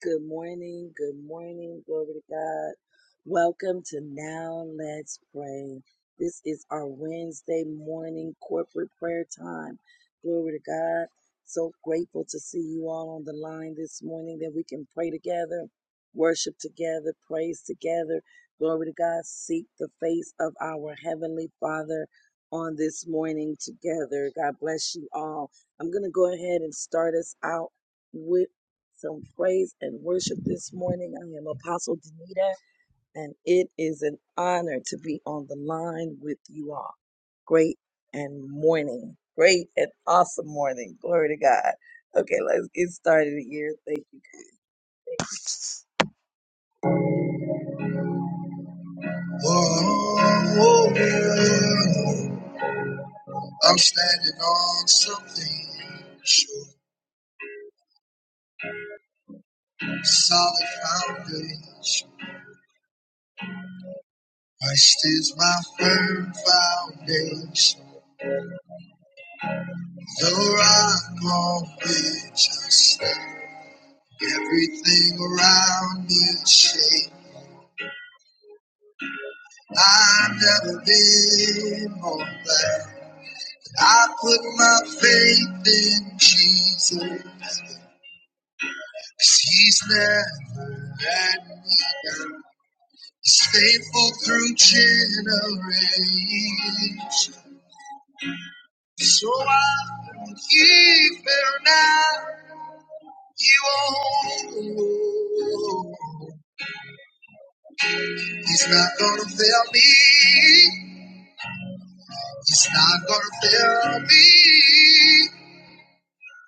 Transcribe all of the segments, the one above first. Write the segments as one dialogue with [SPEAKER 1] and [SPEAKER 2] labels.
[SPEAKER 1] Good morning, good morning, glory to God. Welcome to Now Let's Pray. This is our Wednesday morning corporate prayer time. Glory to God. So grateful to see you all on the line this morning that we can pray together, worship together, praise together. Glory to God. Seek the face of our Heavenly Father on this morning together. God bless you all. I'm going to go ahead and start us out. with some praise and worship this morning. I am Apostle Danita, and it is an honor to be on the line with you all. Great and morning. Great and awesome morning. Glory to God. Okay, let's get started here. Thank you. Whoa, whoa. I'm standing on something sure, solid foundation. Christ is my firm foundation. The rock on which I stand, everything around me is I've never been more glad. I put my faith in Jesus, 'cause He's never let me down. He's faithful through generations. So I won't give there now. He won't. He's not gonna fail me. He's not gonna fail me.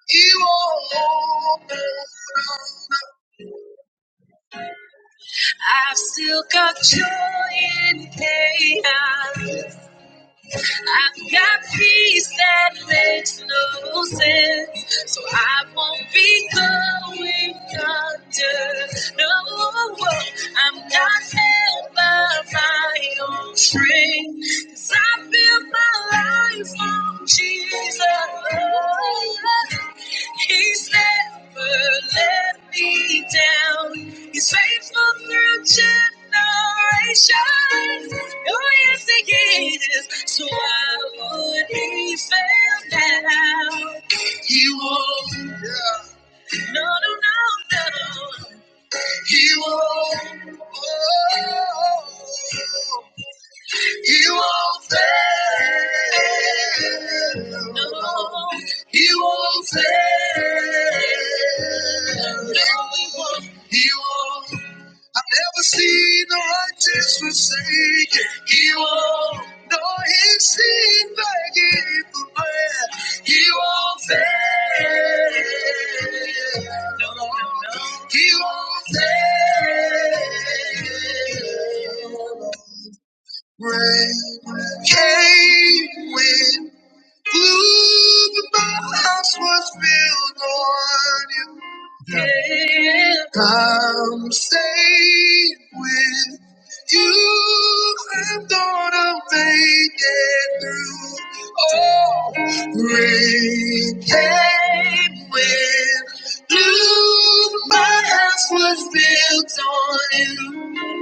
[SPEAKER 1] He won't. I've still got joy in chaos. I've got peace that makes no sense. So I won't be going under. No, I'm not held by my own strength. 'Cause I built my life on Jesus. He's never let me down. He's faithful through generations. Oh, yes, he is. So why would he fail now? He won't. Yeah. No, no, no, no. He won't. Oh. You won't fail. No. You won't fail. No, you won't. You won't. I've never seen the righteous forsaken. He won't. No, he's seen begging for bread. He won't fail. No, no, no. He won't fail. Rain came when blew, but my house was built on you. Yeah. I'm safe with you. I'm gonna make it through. Oh, rain came when blew, but my house was built on you.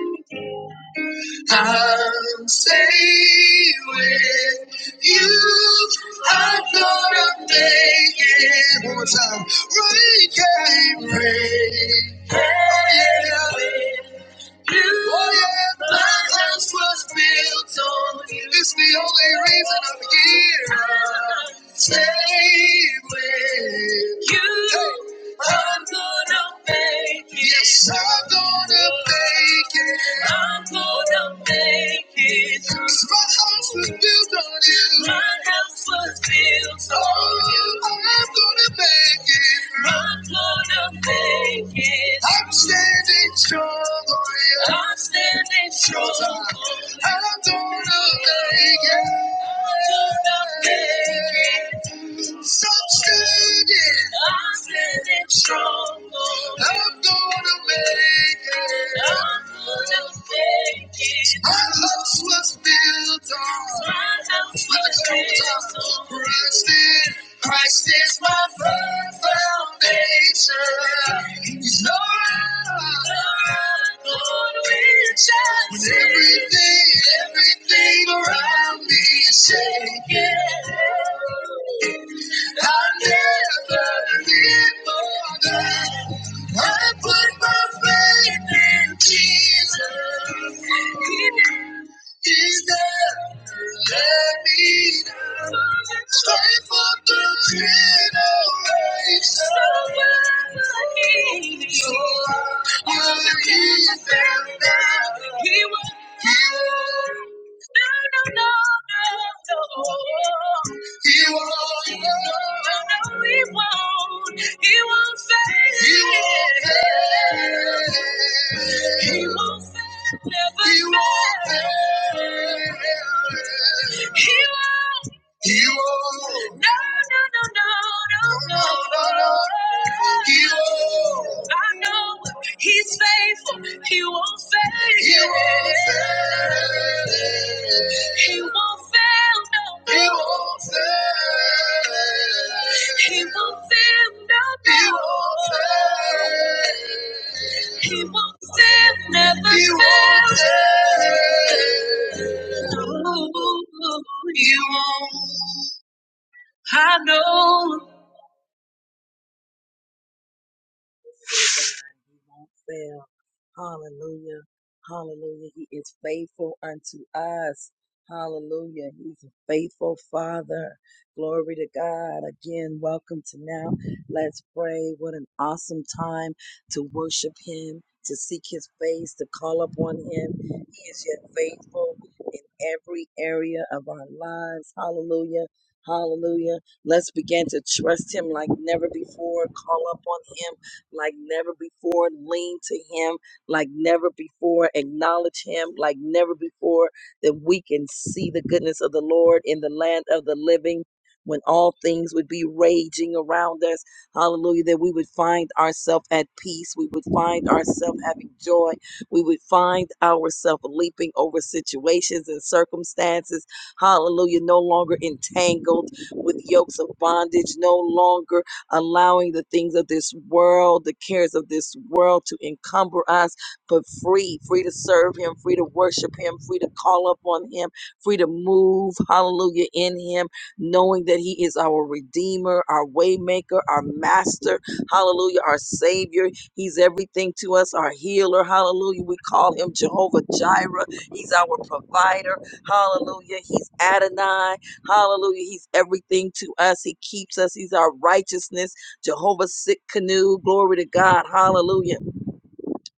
[SPEAKER 1] I'm safe with you. I'm gonna make it one more time. We can pray. Oh yeah. You, oh yeah. My house was built on you. It's the only reason I'm here. I'm safe with you. Hey. I'm gonna make it. Yes, I'm gonna make it. I'm gonna make it. 'Cause my house was built on you. My house was built on you. I'm gonna make it. I'm gonna make it. I'm standing strong on you. I'm standing strong on you. I'm gonna make it. I'm gonna make it. So I'm standing. I'm standing strong. I'm gonna make it. I'm gonna make it. My house was built on. My house was built on. Christ is, Christ is my firm foundation. He's no rock on which I stand. when everything, everything around me is shaking. I'll never live for that. I put my faith in Jesus. He He's there to let me down. Faithful through generations. So I will keep him now. He will. No, no, no, no, no. He won't. He will No, he won't. He won't fail. He won't fail. He won't fail. Never he fail. He won't. He won't. No, no, no, no, no, no, no. no. He won't. I know He's faithful. He won't fail. He won't fail. He won't fail. No. He won't fail. He won't fail. No. He won't fail. He won't fail. Never he won't fail. fail. No, He won't. I know He won't fail. Hallelujah. Hallelujah. He is faithful unto us. Hallelujah. He's a faithful Father. Glory to God. Again, welcome to Now Let's Pray. What an awesome time to worship Him, to seek His face, to call upon Him. He is yet faithful in every area of our lives. Hallelujah. Hallelujah. Let's begin to trust Him like never before. Call upon Him like never before, lean to Him like never before, acknowledge Him like never before, that we can see the goodness of the Lord in the land of the living. When all things would be raging around us, hallelujah, that we would find ourselves at peace. We would find ourselves having joy. We would find ourselves leaping over situations and circumstances. Hallelujah, no longer entangled with yokes of bondage, no longer allowing the things of this world, the cares of this world to encumber us, but free, free to serve Him, free to worship Him, free to call upon Him, free to move, hallelujah, in Him, knowing that He is our Redeemer, our Waymaker, our Master, hallelujah, our Savior. He's everything to us, our healer, hallelujah. We call Him Jehovah Jireh, He's our provider, hallelujah. He's Adonai. Hallelujah. He's everything to us. He keeps us. He's our righteousness. Jehovah sick canoe. Glory to God. Hallelujah.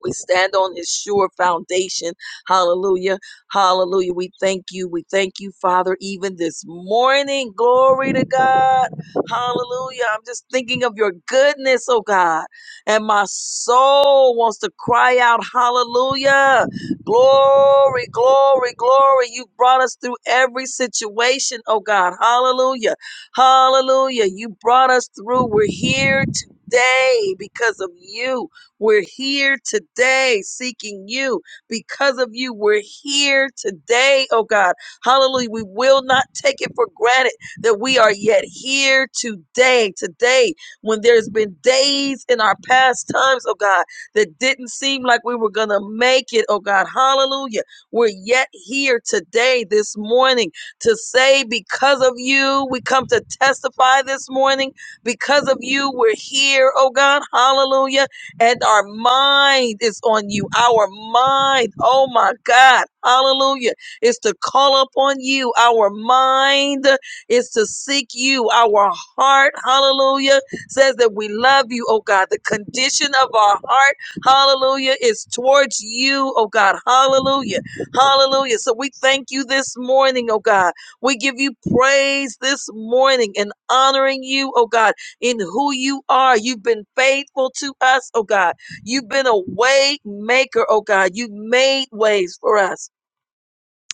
[SPEAKER 1] We stand on his sure foundation. Hallelujah. Hallelujah. We thank you. We thank you, Father, even this morning. Glory to God. Hallelujah. I'm just thinking of your goodness, oh God. And my soul wants to cry out, Hallelujah. Glory, glory, glory. You brought us through every situation, oh God. Hallelujah. Hallelujah. You brought us through. We're here today because of you. We're here today seeking you. Because of you, we're here today, oh God. Hallelujah. We will not take it for granted that we are yet here today. Today, when there's been days in our past times, oh God, that didn't seem like we were going to make it, oh God. Hallelujah. We're yet here today, this morning, to say, because of you, we come to testify this morning. Because of you, we're here, oh God. Hallelujah and our mind is on you. Our mind, oh my God, hallelujah, is to call upon you. Our mind is to seek you. Our heart, hallelujah, says that we love you, oh God. The condition of our heart, hallelujah, is towards you, oh God, hallelujah, hallelujah. So we thank you this morning, oh God. We give you praise this morning and honoring you, oh God in who you are. You've been faithful to us, oh God. You've been a way maker, oh God. You've made ways for us.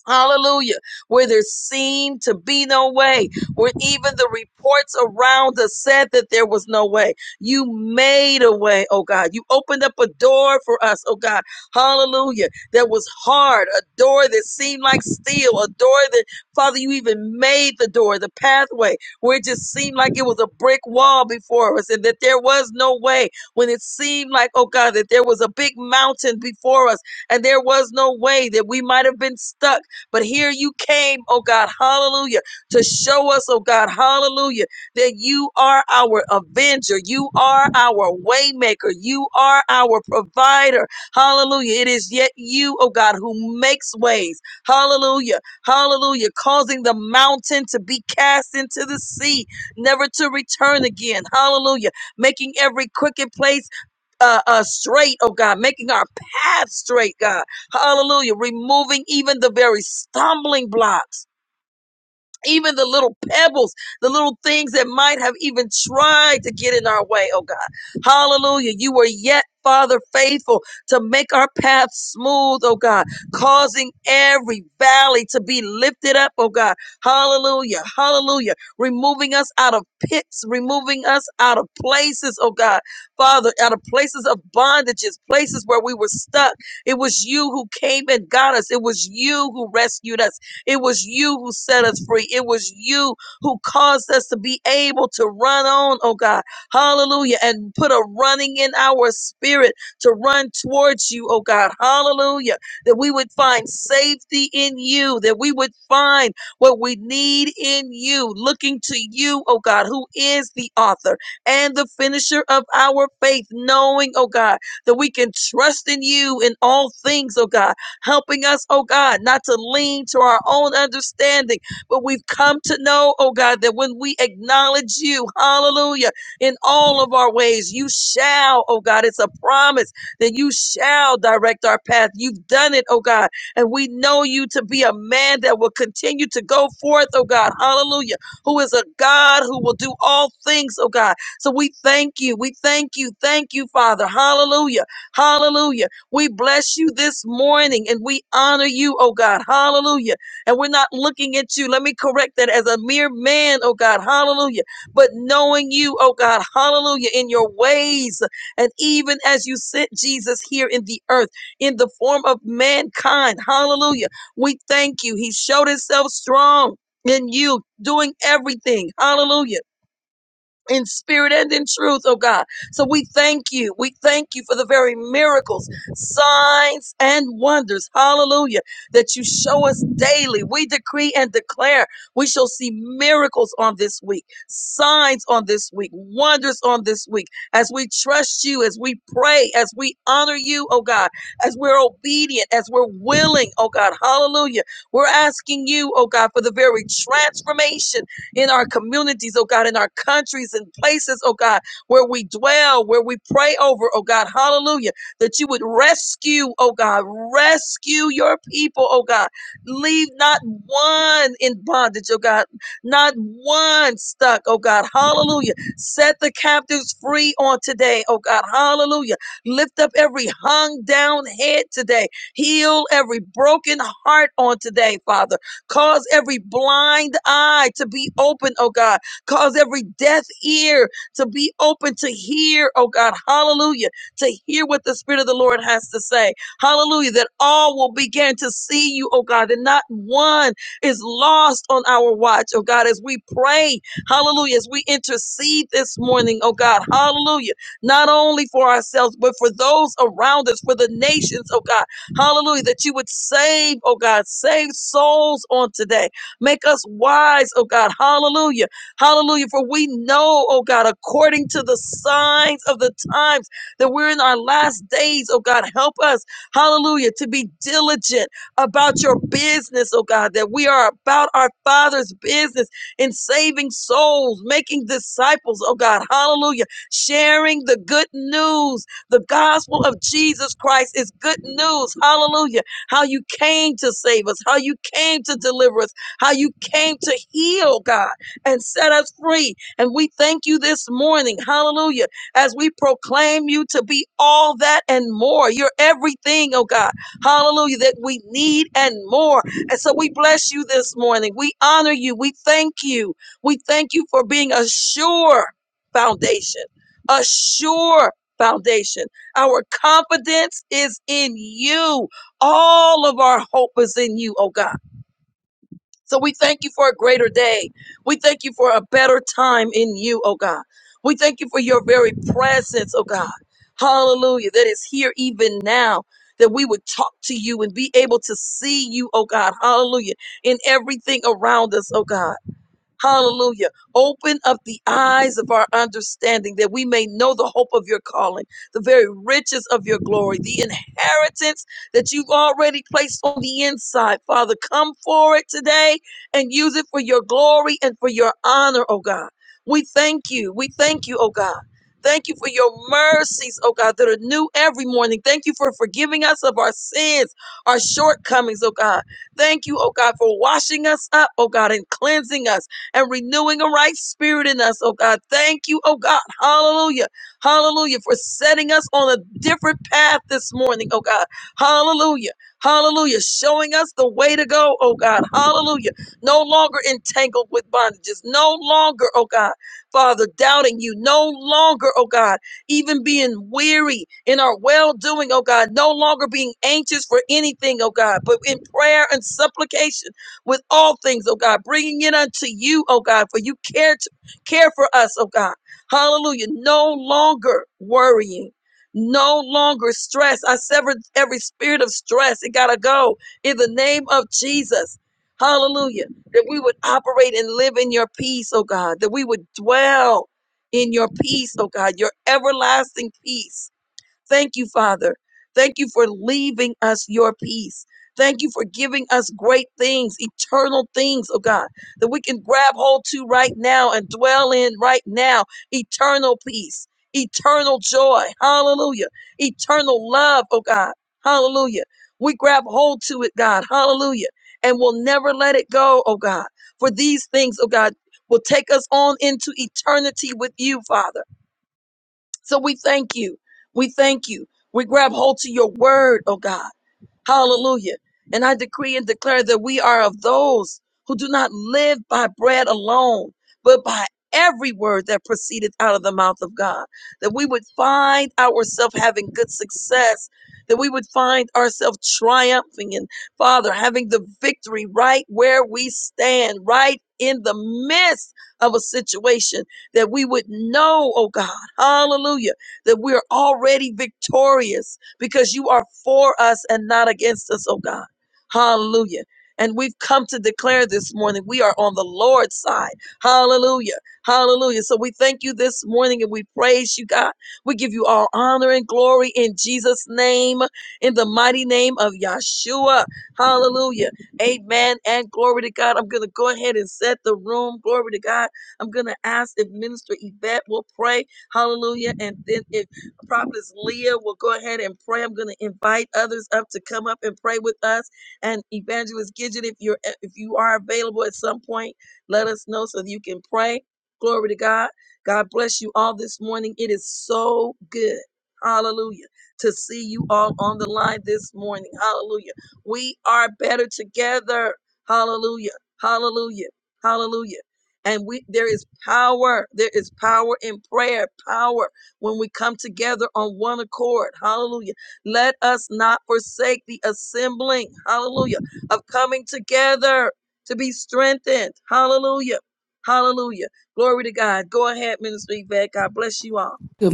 [SPEAKER 1] Hallelujah. Where there seemed to be no way, where even the reports around us said that there was no way. You made a way, oh God. You opened up a door for us, oh God. Hallelujah. That was hard, a door that seemed like steel, a door that, Father, you even made the door, the pathway, where it just seemed like it was a brick wall before us and that there was no way. When it seemed like, oh God, that there was a big mountain before us and there was no way that we might have been stuck but here you came, oh God, hallelujah, to show us, oh God, hallelujah, that you are our avenger. You are our waymaker. You are our provider. Hallelujah. It is yet you, oh God, who makes ways. Hallelujah. Hallelujah. Causing the mountain to be cast into the sea, never to return again. Hallelujah. Making every crooked place uh, uh, straight, oh God, making our path straight, God. Hallelujah. Removing even the very stumbling blocks even the little pebbles, the little things that might have even tried to get in our way, oh God. Hallelujah. You were yet, Father, faithful to make our path smooth, oh God, causing every valley to be lifted up, oh God. Hallelujah. Hallelujah. Removing us out of pits, removing us out of places, oh God. Father, out of places of bondages, places where we were stuck. It was you who came and got us. It was you who rescued us. It was you who set us free. It was you who caused us to be able to run on, oh God. Hallelujah. And put a running in our spirit to run towards you, oh God. Hallelujah. That we would find safety in you, that we would find what we need in you, looking to you, oh God, who is the author and the finisher of our faith, knowing, oh God, that we can trust in you in all things, oh God helping us, oh God, not to lean to our own understanding, but we've come to know, oh God, that when we acknowledge you, hallelujah, in all of our ways, you shall, oh God, it's a promise that you shall direct our path. You've done it, oh God, and we know you to be a man that will continue to go forth, oh God, hallelujah, who is a God who will do all things, oh God. So we thank you, we thank you, thank you, Father, hallelujah, hallelujah. We bless you this morning and we honor you, oh God. Hallelujah. And we're not looking at you. Let me correct that as a mere man, oh God. Hallelujah. But knowing you, oh God. Hallelujah. In your ways. And even as you sent Jesus here in the earth in the form of mankind. Hallelujah. We thank you. He showed himself strong in you doing everything. Hallelujah in spirit and in truth, oh God. So we thank you. We thank you for the very miracles, signs, and wonders. Hallelujah. That you show us daily. We decree and declare we shall see miracles on this week, signs on this week, wonders on this week. As we trust you, as we pray, as we honor you, oh God, as we're obedient, as we're willing, oh God. Hallelujah. We're asking you, oh God, for the very transformation in our communities, oh God, in our countries and places, oh God, where we dwell, where we pray over, oh God, hallelujah, that you would rescue, oh God, rescue your people, oh God. Leave not one in bondage, oh God, not one stuck, oh God, hallelujah. Set the captives free on today, oh God, hallelujah. Lift up every hung down head today, heal every broken heart on today, Father. Cause every blind eye to be open, oh God. Cause every deaf ear to be open to hear, oh God. Hallelujah. To hear what the Spirit of the Lord has to say. Hallelujah. That all will begin to see you, oh God. That not one is lost on our watch, oh God. As we pray, hallelujah. As we intercede this morning, oh God. Hallelujah. Not only for ourselves, but for those around us, for the nations, oh God Hallelujah. That you would save, oh God, save souls on today. Make us wise, oh God. Hallelujah. Hallelujah. For we know, oh God, according to the signs of the times that we're in our last days, oh God, help us, hallelujah, to be diligent about your business, oh God, that we are about our Father's business in saving souls, making disciples, oh God, hallelujah, sharing the good news, the gospel of Jesus Christ is good news. Hallelujah. How you came to save us, how you came to deliver us, how you came to heal, God, and set us free. And we thank you this morning. Hallelujah. As we proclaim you to be all that and more. You're everything, oh God. Hallelujah. That we need and more. And so we bless you this morning. We honor you. We thank you. We thank you for being a sure foundation, a sure foundation. Our confidence is in you. All of our hope is in you, oh God. So we thank you for a greater day. We thank you for a better time in you, oh God. We thank you for your very presence, oh God. Hallelujah. That is here even now. That we would talk to you and be able to see you, oh God. Hallelujah. In everything around us, oh God. Hallelujah. Open up the eyes of our understanding that we may know the hope of your calling, the very riches of your glory, the inheritance that you've already placed on the inside. Father, come for it today and use it for your glory and for your honor, oh God. We thank you. We thank you, oh God. Thank you for your mercies, oh God, that are new every morning. Thank you for forgiving us of our sins, our shortcomings, oh God. Thank you, oh God, for washing us up, oh God, and cleansing us and renewing a right spirit in us, oh God. Thank you, oh God. Hallelujah. Hallelujah. For setting us on a different path this morning, oh God. Hallelujah. Hallelujah. Showing us the way to go, oh God. Hallelujah. No longer entangled with bondages. No longer, oh God, Father, doubting you. No longer, oh God, even being weary in our well doing, oh God. No longer being anxious for anything, oh God, but in prayer and supplication with all things, oh God, bringing it unto you, oh God, for you care to care for us, oh God. Hallelujah. No longer worrying. No longer stress. I severed every spirit of stress. It gotta go in the name of Jesus. Hallelujah. That we would operate and live in your peace, oh God. That we would dwell in your peace, oh God, your everlasting peace Thank you, Father. Thank you for leaving us your peace. Thank you for giving us great things, eternal things, oh God, that we can grab hold to right now and dwell in right now. Eternal peace, eternal joy, hallelujah. Eternal love, oh God, hallelujah. We grab hold to it, God, hallelujah, and we'll never let it go, oh God. For these things, oh God, will take us on into eternity with you, Father. So we thank you. We thank you. We grab hold to your word, oh God. Hallelujah. And I decree and declare that we are of those who do not live by bread alone, but by every word that proceedeth out of the mouth of God. That we would find ourselves having good success, that we would find ourselves triumphing and, Father, having the victory right where we stand, right in the midst of a situation, that we would know, oh God, hallelujah, that we are already victorious because you are for us and not against us, oh God. Hallelujah. And we've come to declare this morning we are on the Lord's side. Hallelujah. Hallelujah. So we thank you this morning and we praise you, God. We give you all honor and glory in Jesus' name, in the mighty name of Yahshua. Hallelujah. Amen. And glory to God. I'm going to go ahead and set the room. Glory to God. I'm going to ask if Minister Yvette will pray. Hallelujah. And then if Prophetess Leah will go ahead and pray. I'm going to invite others up to come up and pray with us. And Evangelist Gidget, if you're if you are available at some point, let us know so that you can pray. Glory to God. God bless you all this morning. It is so good. Hallelujah. To see you all on the line this morning. Hallelujah. We are better together. Hallelujah. Hallelujah. Hallelujah. And we there is power. There is power in prayer. Power when we come together on one accord. Hallelujah. Let us not forsake the assembling. Hallelujah. Of coming together to be strengthened. Hallelujah. Hallelujah. Glory to God. Go ahead, Minister Yvette. God bless you all.
[SPEAKER 2] Good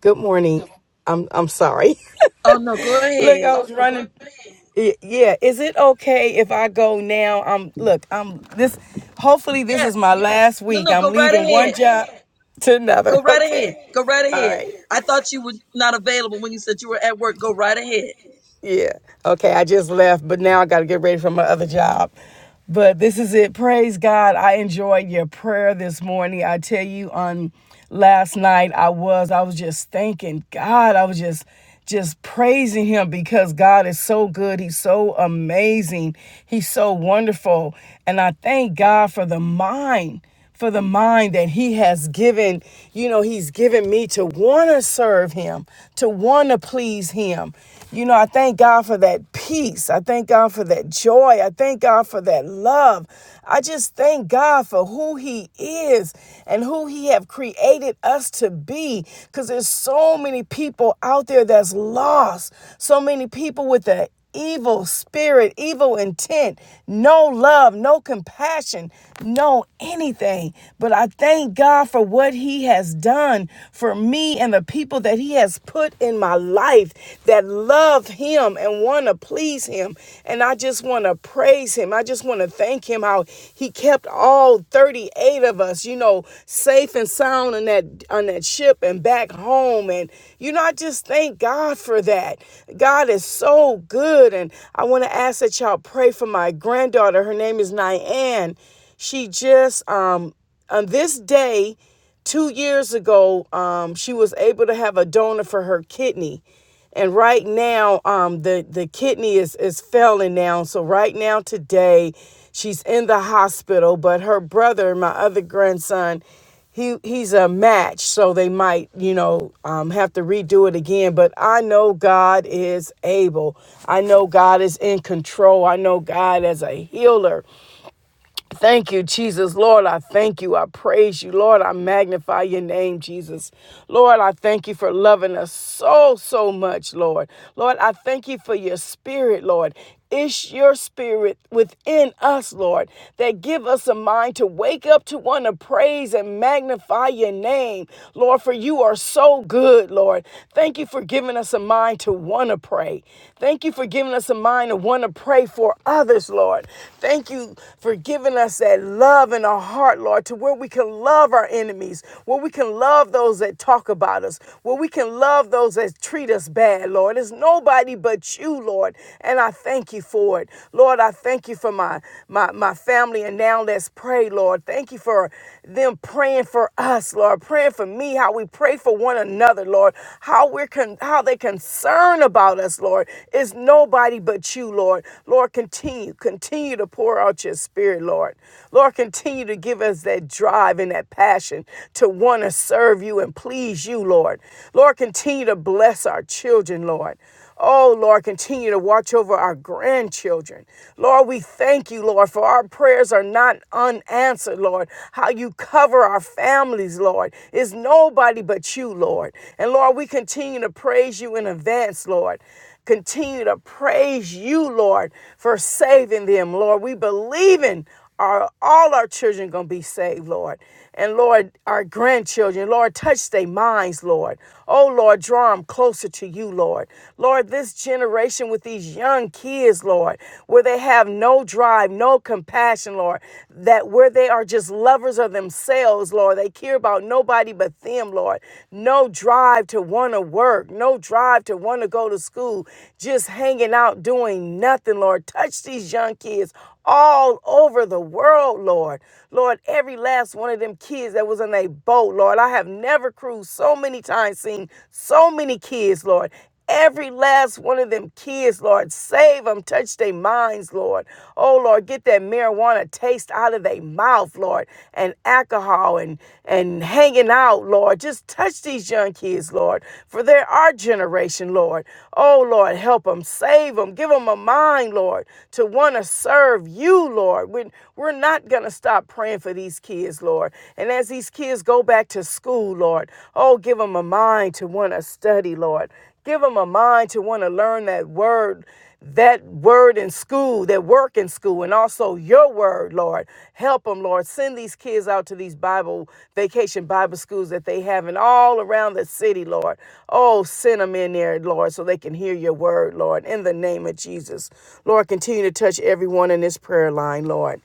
[SPEAKER 3] Good morning. I'm I'm sorry.
[SPEAKER 1] Oh, no, go
[SPEAKER 3] look,
[SPEAKER 1] ahead.
[SPEAKER 3] I was running. Y- Yeah, is it okay if I go now? I'm look, I'm this hopefully this is
[SPEAKER 1] Yes.
[SPEAKER 3] my last
[SPEAKER 1] No,
[SPEAKER 3] week.
[SPEAKER 1] no,
[SPEAKER 3] I'm
[SPEAKER 1] go right
[SPEAKER 3] leaving one
[SPEAKER 1] ahead.
[SPEAKER 3] job to another.
[SPEAKER 1] Go right ahead.
[SPEAKER 3] Okay.
[SPEAKER 1] Go right
[SPEAKER 3] All
[SPEAKER 1] ahead.
[SPEAKER 3] right.
[SPEAKER 1] I thought you were not available when you said you were at work. Go right ahead.
[SPEAKER 3] Yeah. Okay, I just left, but now I got to get ready for my other job. But this is it. Praise God. I enjoyed your prayer this morning. I tell you on last night I was I was just thanking God. I was just just praising him because God is so good. He's so amazing. He's so wonderful. And I thank God for the mind for the mind that he has given, you know, he's given me to want to serve him, to want to please him. You know, I thank God for that peace. I thank God for that joy. I thank God for that love. I just thank God for who he is and who he have created us to be cuz there's so many people out there that's lost. So many people with the evil spirit, evil intent, no love, no compassion, no anything. But I thank God for what He has done for me and the people that He has put in my life that love Him and want to please Him. And I just want to praise Him. I just want to thank Him how He kept all 38 eight of us, you know, safe and sound on that on that ship and back home. And you know, I just thank God for that. God is so good. And I want to ask that y'all pray for my granddaughter. Her name is Nyan. She just um on this day two years ago, um, she was able to have a donor for her kidney and right now um the the kidney is is failing now so right now today she's in the hospital but her brother my other grandson he he's a match so they might you know um, have to redo it again but i know god is able i know god is in control i know god as a healer Thank you, Jesus. Lord, I thank you. I praise you. Lord, I magnify your name, Jesus. Lord, I thank you for loving us so, so much, Lord. Lord, I thank you for your spirit, Lord. It's your spirit within us, Lord, that give us a mind to wake up to want to praise and magnify your name, Lord, for you are so good, Lord. Thank you for giving us a mind to want to pray. Thank you for giving us a mind to want to pray for others, Lord. Thank you for giving us that love in our heart, Lord, to where we can love our enemies, where we can love those that talk about us, where we can love those that treat us bad, Lord. It's nobody but you, Lord. And I thank you for it. Lord, I thank you for my my, my family and now let's pray, Lord. Thank you for them praying for us, Lord, praying for me, how we pray for one another, Lord, how we're con- how they concern about us, Lord, is nobody but you, Lord. Lord, continue, continue to pour out your spirit, Lord. Lord, continue to give us that drive and that passion to want to serve you and please you, Lord. Lord, continue to bless our children, Lord. Oh, Lord, continue to watch over our grandchildren. Lord, we thank you, Lord, for our prayers are not unanswered, Lord. How you cover our families, Lord, is nobody but you, Lord. And Lord, we continue to praise you in advance, Lord continue to praise you, Lord, for saving them, Lord. We believe in our all our children gonna be saved, Lord. And Lord, our grandchildren, Lord, touch their minds, Lord. Oh Lord, draw them closer to you, Lord. Lord, this generation with these young kids, Lord, where they have no drive, no compassion, Lord, that where they are just lovers of themselves, Lord. They care about nobody but them, Lord. No drive to want to work work, no drive to want to go to school, just hanging out doing nothing, Lord. Touch these young kids all over the world, Lord. Lord, every last one of them kids that was on a boat, Lord. I have never cruised so many times, seen so many kids, Lord. Every last one of them kids, Lord, save them, touch their minds, Lord. Oh, Lord, get that marijuana taste out of their mouth, Lord, and alcohol and, and hanging out, Lord. Just touch these young kids, Lord, for they're our generation, Lord. Oh, Lord, help them, save them, give them a mind, Lord, to want to serve you, Lord. We're we're not going to stop praying for these kids, Lord. And as these kids go back to school, Lord, oh, give them a mind to want to study, Lord. Give them a mind to want to learn that word, that word in school, that work in school, and also your word, Lord. Help them, Lord. Send these kids out to these Bible vacation Bible schools that they have in all around the city, Lord. Oh, send them in there, Lord, so they can hear your word, Lord, in the name of Jesus. Lord, continue to touch everyone in this prayer line, Lord.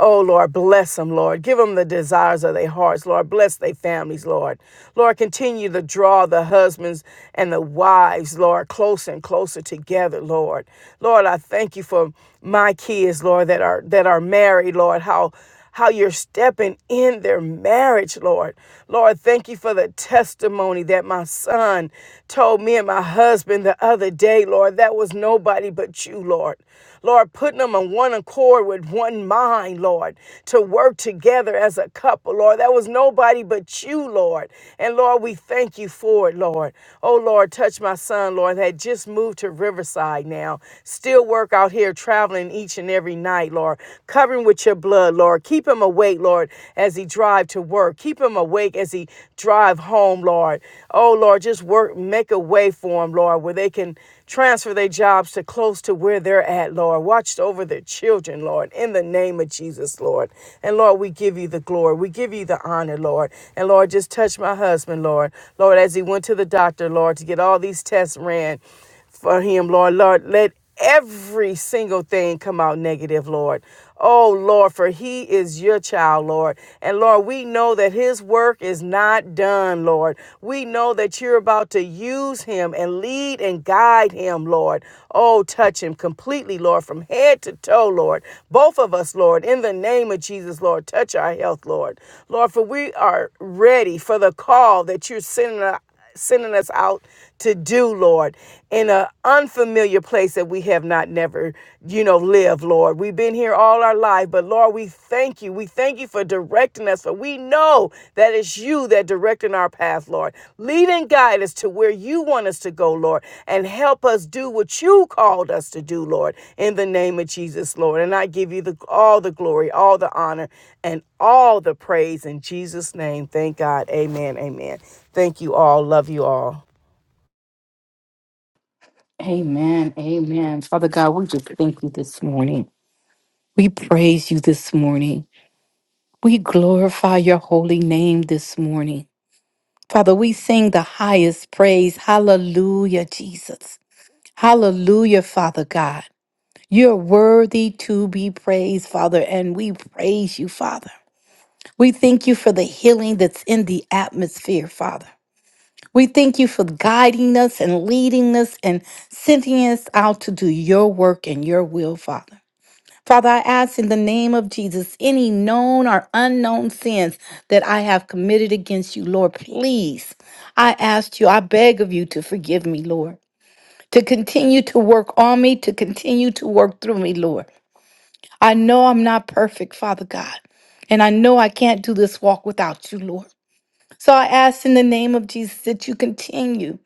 [SPEAKER 3] Oh, Lord, bless them, Lord. Give them the desires of their hearts, Lord. Bless their families, Lord. Lord, continue to draw the husbands and the wives, Lord, closer and closer together, Lord. Lord, I thank you for my kids, Lord, that are that are married, Lord, how how you're stepping in their marriage, Lord. Lord, thank you for the testimony that my son told me and my husband the other day, Lord. That was nobody but you, Lord. Lord, putting them on one accord with one mind, Lord, to work together as a couple, Lord. That was nobody but you, Lord. And Lord, we thank you for it, Lord. Oh, Lord, touch my son, Lord, that just moved to Riverside now. Still work out here traveling each and every night night, Lord. Cover him with your blood, Lord. Keep him awake, Lord, as he drive to work. Keep him awake as he drive home, Lord. Oh, Lord, just work, make a way for him, Lord, where they can transfer their jobs to close to where they're at, Lord. Watch over their children, Lord, in the name of Jesus, Lord. And Lord, we give you the glory. We give you the honor, Lord. And Lord, just touch my husband, Lord. Lord, as he went to the doctor, Lord, to get all these tests ran for him, Lord. Lord, let every single thing come out negative, Lord. Oh, Lord, for he is your child, Lord. And Lord, we know that his work is not done, Lord. We know that you're about to use him and lead and guide him, Lord. Oh, touch him completely, Lord, from head to toe, Lord. Both of us, Lord, in the name of Jesus, Lord, touch our health, Lord. Lord, for we are ready for the call that you're sending sending us out to do, Lord, in an unfamiliar place that we have not never, you know, lived, Lord. We've been here all our life, but Lord, we thank you. We thank you for directing us, for we know that it's you that directing our path, Lord. Leading guide guide us to where you want us to go, Lord, and help us do what you called us to do, Lord, in the name of Jesus, Lord. And I give you the, all the glory, all the honor, and all the praise in Jesus' name. Thank God. Amen. Amen. Thank you all. Love you all.
[SPEAKER 2] Amen. Amen. Father God, we just thank you this morning. We praise you this morning. We glorify your holy name this morning. Father, we sing the highest praise. Hallelujah, Jesus. Hallelujah, Father God. You're worthy to be praised, Father, and we praise you, Father. We thank you for the healing that's in the atmosphere, Father. We thank you for guiding us and leading us and sending us out to do your work and your will, Father. Father, I ask in the name of Jesus, any known or unknown sins that I have committed against you, Lord, please, I ask you, I beg of you to forgive me, Lord, to continue to work on me, to continue to work through me, Lord. I know I'm not perfect, Father God, and I know I can't do this walk without you, Lord. So I ask in the name of Jesus that you continue.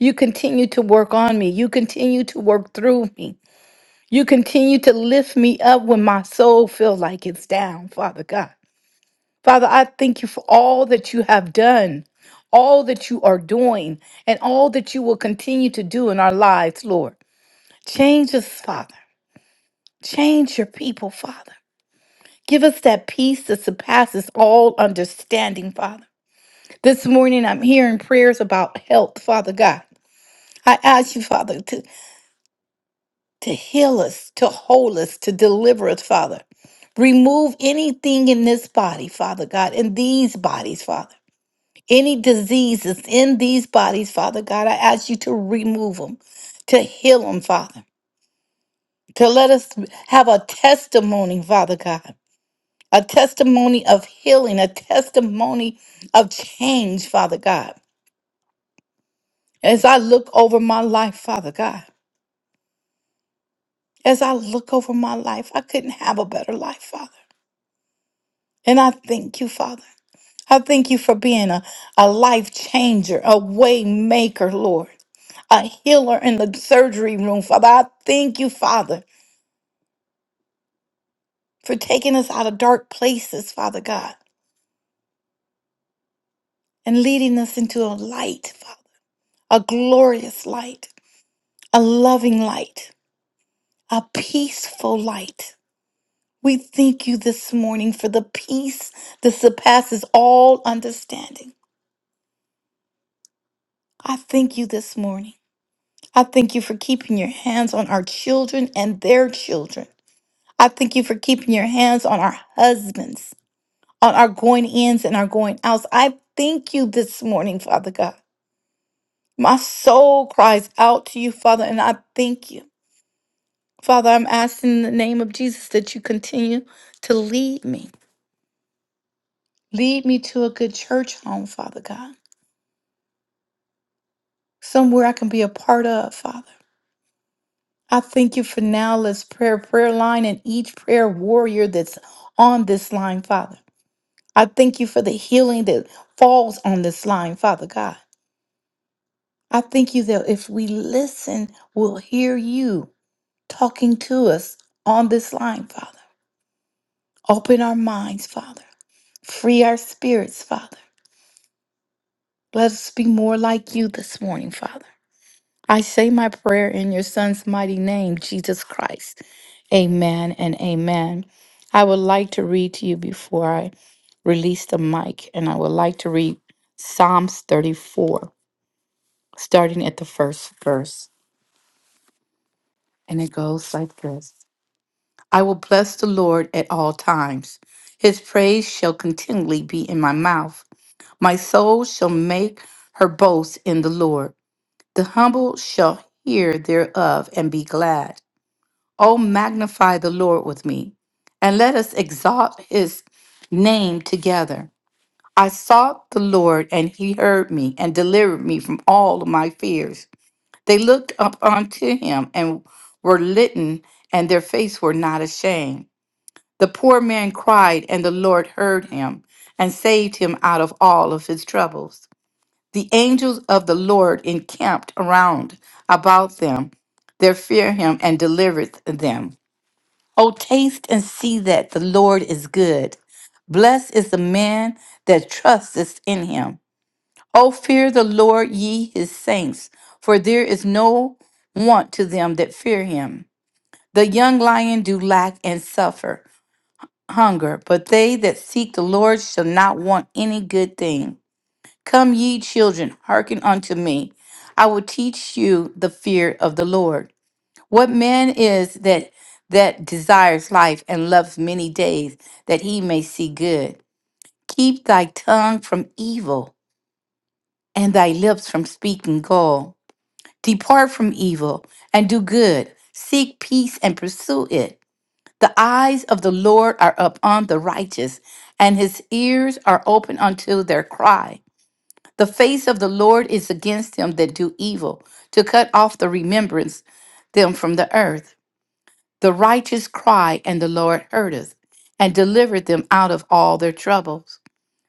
[SPEAKER 2] You continue to work on me. You continue to work through me. You continue to lift me up when my soul feels like it's down, Father God. Father, I thank you for all that you have done, all that you are doing, and all that you will continue to do in our lives, Lord. Change us, Father. Change your people, Father. Give us that peace that surpasses all understanding, Father. This morning I'm hearing prayers about health, Father God. I ask you, Father, to, to heal us, to hold us, to deliver us, Father. Remove anything in this body, Father God, in these bodies, Father. Any diseases in these bodies, Father God, I ask you to remove them, to heal them, Father. To let us have a testimony, Father God, a testimony of healing, a testimony of change, Father God. As I look over my life, Father God, as I look over my life, I couldn't have a better life, Father. And I thank you, Father. I thank you for being a, a life changer, a way maker, Lord, a healer in the surgery room, Father. I thank you, Father, for taking us out of dark places, Father God, and leading us into a light, Father, a glorious light, a loving light, a peaceful light. We thank you this morning for the peace that surpasses all understanding. I thank you this morning. I thank you for keeping your hands on our children and their children. I thank you for keeping your hands on our husbands, on our going ins and our going outs. I thank you this morning, Father God. My soul cries out to you, Father, and I thank you. Father, I'm asking in the name of Jesus that you continue to lead me. Lead me to a good church home, Father God, somewhere I can be a part of, Father. I thank you for now. Let's prayer, prayer line, and each prayer warrior that's on this line, Father. I thank you for the healing that falls on this line, Father God. I thank you that if we listen, we'll hear you talking to us on this line, Father. Open our minds, Father. Free our spirits, Father. Let us be more like you this morning, Father. I say my prayer in your son's mighty name, Jesus Christ. Amen and amen. I would like to read to you before I release the mic, and I would like to read Psalms 34, starting at the first verse. And it goes like this I will bless the Lord at all times, his praise shall continually be in my mouth. My soul shall make her boast in the Lord. The humble shall hear thereof and be glad. Oh, magnify the Lord with me, and let us exalt his name together. I sought the Lord, and he heard me and delivered me from all of my fears. They looked up unto him and were litten, and their face were not ashamed. The poor man cried, and the Lord heard him and saved him out of all of his troubles. The angels of the Lord encamped around about them, that fear him, and delivered them. Oh, taste and see that the Lord is good. Blessed is the man that trusteth in him. Oh, fear the Lord, ye his saints, for there is no want to them that fear him. The young lion do lack and suffer hunger, but they that seek the Lord shall not want any good thing. Come, ye children, hearken unto me. I will teach you the fear of the Lord. What man is that that desires life and loves many days that he may see good? Keep thy tongue from evil and thy lips from speaking gall. Depart from evil and do good. Seek peace and pursue it. The eyes of the Lord are upon the righteous, and his ears are open unto their cry. The face of the Lord is against them that do evil, to cut off the remembrance them from the earth. The righteous cry, and the Lord heardeth, and delivered them out of all their troubles.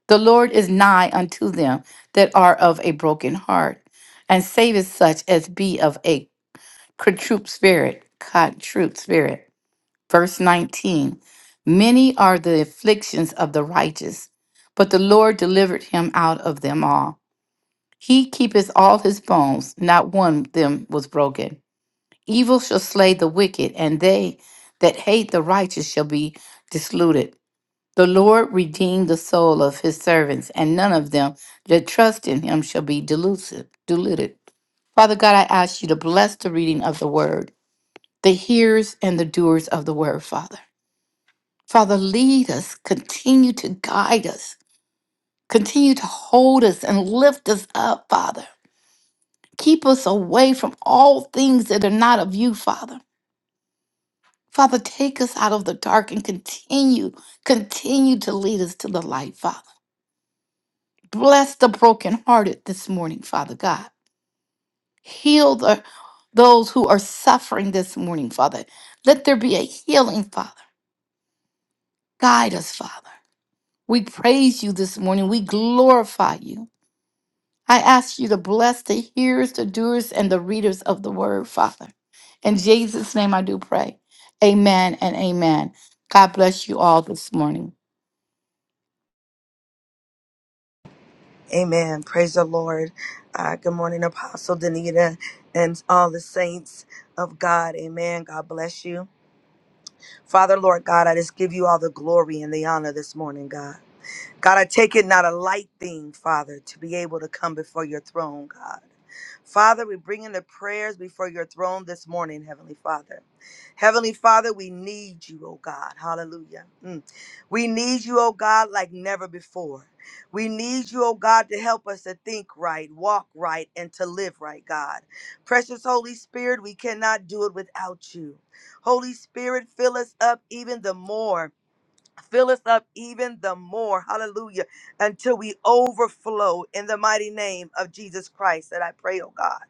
[SPEAKER 2] The Lord is nigh unto them that are of a broken heart, and saveth such as be of a contrite spirit. Contrite spirit. Verse 19 Many are the afflictions of the righteous, but the Lord delivered him out of them all. He keepeth all his bones, not one of them was broken. Evil shall slay the wicked, and they that hate the righteous shall be disluted. The Lord redeemed the soul of his servants, and none of them that trust in him shall be delusive, deluded. Father God, I ask you to bless the reading of the word, the hearers and the doers of the word, Father. Father, lead us, continue to guide us, continue to hold us and lift us up, Father. Keep us away from all things that are not of you, Father. Father, take us out of the dark and continue, continue to lead us to the light, Father. Bless the brokenhearted this morning, Father God. Heal the, those who are suffering this morning, Father. Let there be a healing, Father. Guide us, Father. We praise you this morning. We glorify you. I ask you to bless the hearers, the doers, and the readers of the word, Father. In Jesus' name I do pray. Amen and amen. God bless you all this morning.
[SPEAKER 4] Amen. Praise the Lord. Uh, good morning, Apostle Danita and all the saints of God. Amen. God bless you. Father, Lord God, I just give you all the glory and the honor this morning, God. God, I take it not a light thing, Father, to be able to come before your throne, God. Father, we bring in the prayers before your throne this morning, Heavenly Father. Heavenly Father, we need you, oh God. Hallelujah. Mm. We need you, oh God, like never before. We need you, oh God, to help us to think right, walk right, and to live right, God. Precious Holy Spirit, we cannot do it without you. Holy Spirit, fill us up even the more Fill us up even the more, hallelujah, until we overflow in the mighty name of Jesus Christ that I pray, oh God.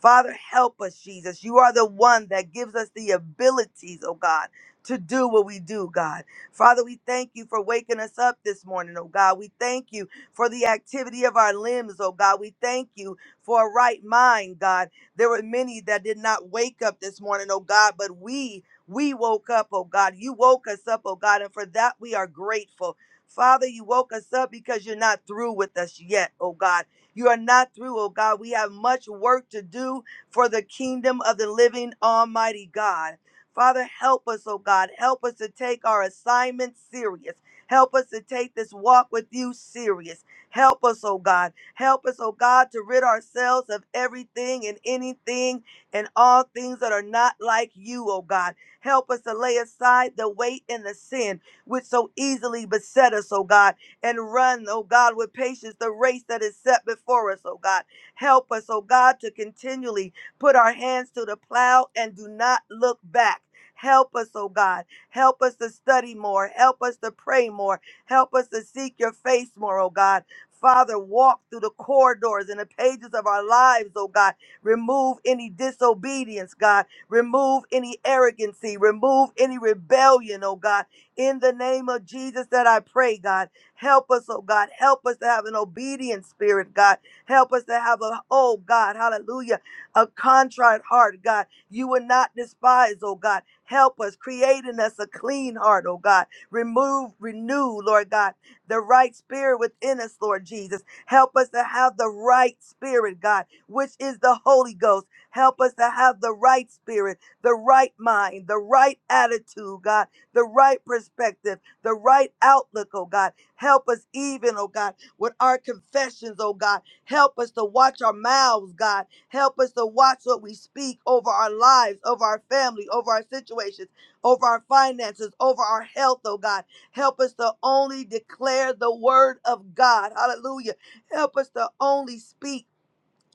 [SPEAKER 4] Father, help us, Jesus. You are the one that gives us the abilities, oh God, to do what we do, God. Father, we thank you for waking us up this morning, oh God. We thank you for the activity of our limbs, oh God. We thank you for a right mind, God. There were many that did not wake up this morning, oh God, but we, we woke up, oh God. You woke us up, oh God, and for that we are grateful. Father, you woke us up because you're not through with us yet, oh God. You are not through, oh God. We have much work to do for the kingdom of the living Almighty God. Father, help us, oh God. Help us to take our assignment serious. Help us to take this walk with you serious. Help us, oh God. Help us, oh God, to rid ourselves of everything and anything and all things that are not like you, oh God. Help us to lay aside the weight and the sin which so easily beset us, oh God and run, oh God, with patience the race that is set before us, oh God. Help us, oh God, to continually put our hands to the plow and do not look back. Help us, oh God. Help us to study more. Help us to pray more. Help us to seek your face more, oh God. Father, walk through the corridors and the pages of our lives, oh God. Remove any disobedience, God. Remove any arrogancy. Remove any rebellion, oh God. In the name of Jesus that I pray, God. Help us, oh God. Help us to have an obedient spirit, God. Help us to have a, oh God, hallelujah, a contrite heart, God. You will not despise, oh God. Help us, create in us a clean heart, oh God. Remove, renew, Lord God, the right spirit within us, Lord Jesus. Help us to have the right spirit, God, which is the Holy Ghost. Help us to have the right spirit, the right mind, the right attitude, God, the right perspective, the right outlook, oh God. Help us even, oh God, with our confessions, oh God. Help us to watch our mouths, God. Help us to watch what we speak over our lives, over our family, over our situations, over our finances, over our health, oh God. Help us to only declare the word of God. Hallelujah. Help us to only speak.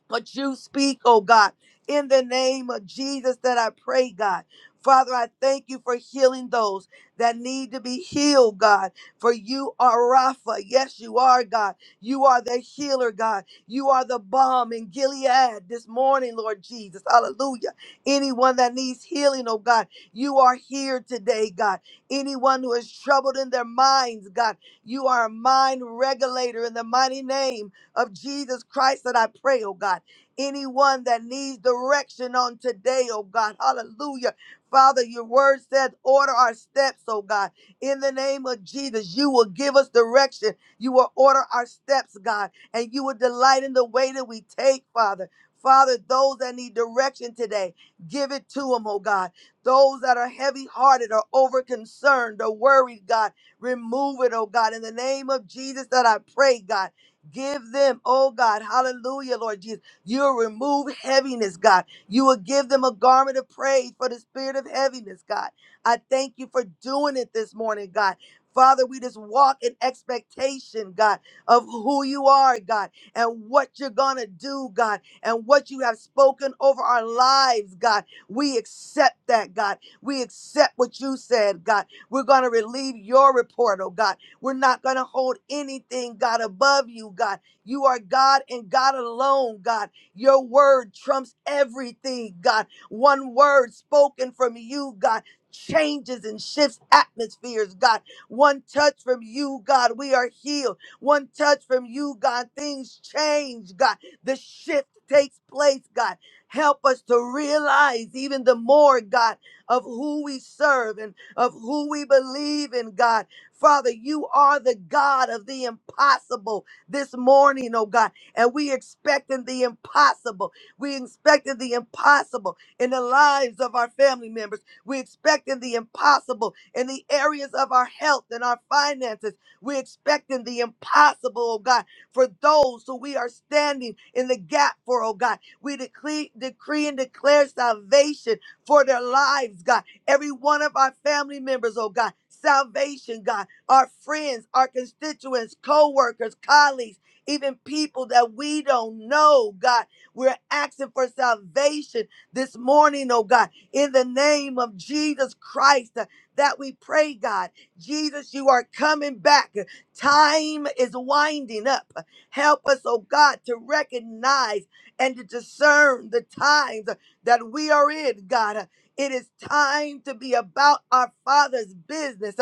[SPEAKER 4] But you speak, oh God, in the name of Jesus that I pray, God. Father, I thank you for healing those that need to be healed, God. For you are Rapha. Yes, you are, God. You are the healer, God. You are the balm in Gilead this morning, Lord Jesus. Hallelujah. Anyone that needs healing, oh God, you are here today, God. Anyone who is troubled in their minds, God, you are a mind regulator in the mighty name of Jesus Christ that I pray, oh God. Anyone that needs direction on today, oh God, hallelujah. Father, your word says, order our steps, oh God. In the name of Jesus, you will give us direction. You will order our steps, God, and you will delight in the way that we take, Father. Father, those that need direction today, give it to them, oh God. Those that are heavy hearted or over concerned or worried, God, remove it, oh God. In the name of Jesus, that I pray, God, give them, oh God, hallelujah, Lord Jesus. You'll remove heaviness, God. You will give them a garment of praise for the spirit of heaviness, God. I thank you for doing it this morning, God. Father, we just walk in expectation, God, of who you are, God, and what you're going to do, God, and what you have spoken over our lives, God. We accept that, God. We accept what you said, God. We're going to relieve your report, oh God. We're not going to hold anything, God, above you, God. You are God and God alone, God. Your word trumps everything, God. One word spoken from you, God, changes and shifts atmospheres, God. One touch from you, God, we are healed. One touch from you, God, things change, God. The shift takes place, God. Help us to realize even the more, God, of who we serve and of who we believe in, God. Father, you are the God of the impossible this morning, oh God and we expecting the impossible. We expecting the impossible in the lives of our family members. We expecting the impossible in the areas of our health and our finances. We expecting the impossible, oh God, for those who we are standing in the gap for, oh God. We decree, decree and declare salvation for their lives, God. Every one of our family members, oh God. Salvation, God. Our friends, our constituents, co workers, colleagues even people that we don't know, God. We're asking for salvation this morning, oh God, in the name of Jesus Christ uh, that we pray, God. Jesus, you are coming back. Time is winding up. Help us, oh God, to recognize and to discern the times that we are in, God. It is time to be about our Father's business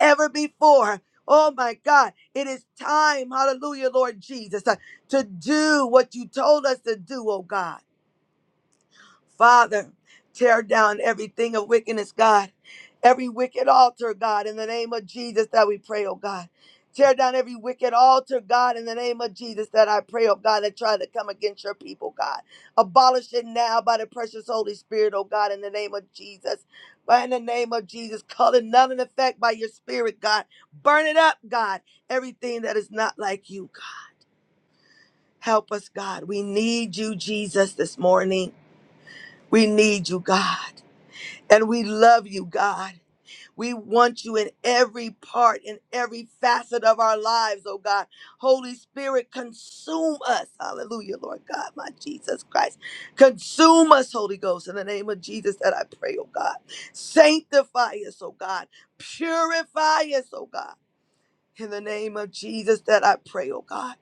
[SPEAKER 4] ever before. Oh my God, it is time, hallelujah, Lord Jesus, uh, to do what you told us to do, oh God. Father, tear down everything of wickedness, God. Every wicked altar, God, in the name of Jesus that we pray, oh God. Tear down every wicked altar, God, in the name of Jesus that I pray, oh God, that try to come against your people, God. Abolish it now by the precious Holy Spirit, oh God, in the name of Jesus. By in the name of Jesus, call it none in effect by your spirit, God. Burn it up, God. Everything that is not like you, God. Help us, God. We need you, Jesus, this morning. We need you, God. And we love you, God. We want you in every part, in every facet of our lives, oh God. Holy Spirit, consume us. Hallelujah, Lord God, my Jesus Christ. Consume us, Holy Ghost, in the name of Jesus that I pray, oh God. Sanctify us, oh God. Purify us, oh God. In the name of Jesus that I pray, oh God.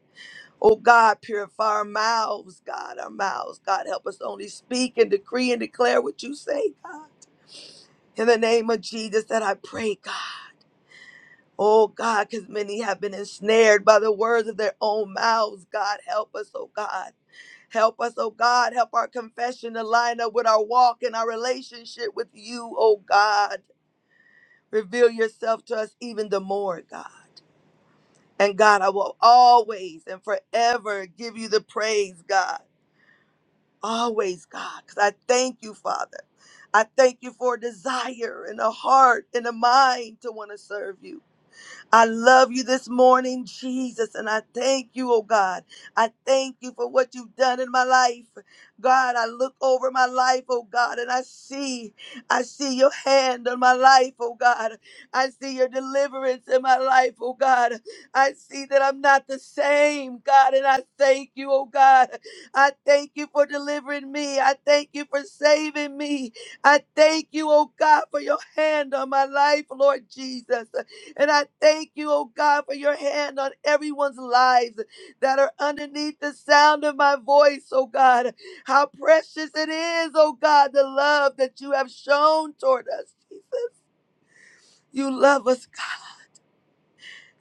[SPEAKER 4] Oh God, purify our mouths, God, our mouths. God, help us to only speak and decree and declare what you say, God. In the name of Jesus, that I pray, God. Oh, God, because many have been ensnared by the words of their own mouths. God, help us, oh, God. Help us, oh, God. Help our confession to line up with our walk and our relationship with you, oh, God. Reveal yourself to us even the more, God. And God, I will always and forever give you the praise, God. Always, God, because I thank you, Father. I thank you for a desire and a heart and a mind to want to serve you. I love you this morning, Jesus, and I thank you, oh God. I thank you for what you've done in my life. God, I look over my life, oh God, and I see, I see your hand on my life, oh God. I see your deliverance in my life, oh God. I see that I'm not the same, God, and I thank you, oh God. I thank you for delivering me. I thank you for saving me. I thank you, oh God, for your hand on my life, Lord Jesus. And I thank you, oh God, for your hand on everyone's lives that are underneath the sound of my voice, oh God. How precious it is, oh God, the love that you have shown toward us, Jesus. You love us, God.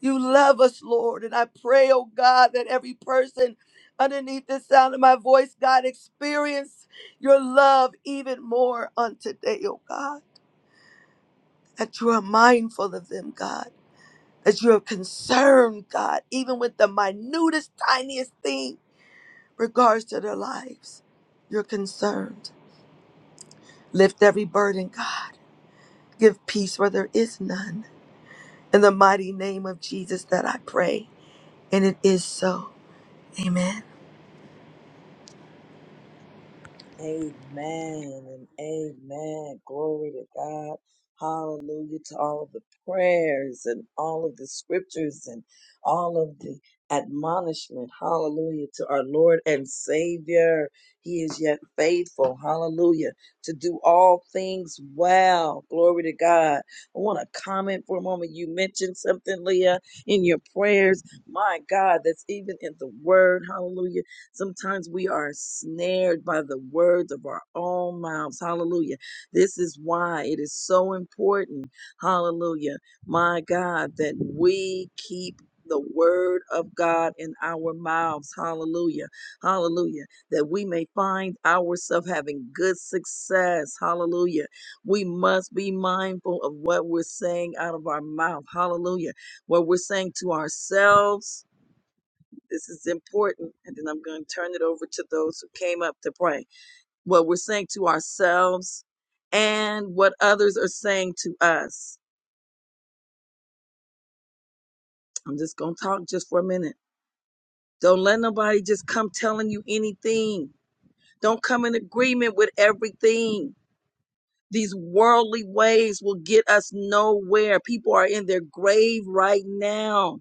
[SPEAKER 4] You love us, Lord. And I pray, oh God, that every person underneath the sound of my voice, God, experience your love even more on today, oh God. That you are mindful of them, God that you are concerned, God, even with the minutest, tiniest thing regards to their lives. You're concerned. Lift every burden, God. Give peace where there is none. In the mighty name of Jesus that I pray. And it is so. Amen.
[SPEAKER 1] Amen and amen. Glory to God. Hallelujah to all of the prayers and all of the scriptures and all of the admonishment. Hallelujah to our Lord and Savior. He is yet faithful. Hallelujah to do all things well. Glory to God. I want to comment for a moment. You mentioned something, Leah, in your prayers. My God, that's even in the word. Hallelujah Sometimes we are snared by the words of our own mouths. Hallelujah. This is why it is so important. Hallelujah. My God, that we keep the word of God in our mouths. Hallelujah. Hallelujah. That we may find ourselves having good success. Hallelujah. We must be mindful of what we're saying out of our mouth. Hallelujah. What we're saying to ourselves. This is important. And then I'm going to turn it over to those who came up to pray. What we're saying to ourselves and what others are saying to us. I'm just going to talk just for a minute. Don't let nobody just come telling you anything. Don't come in agreement with everything. These worldly ways will get us nowhere. People are in their grave right now,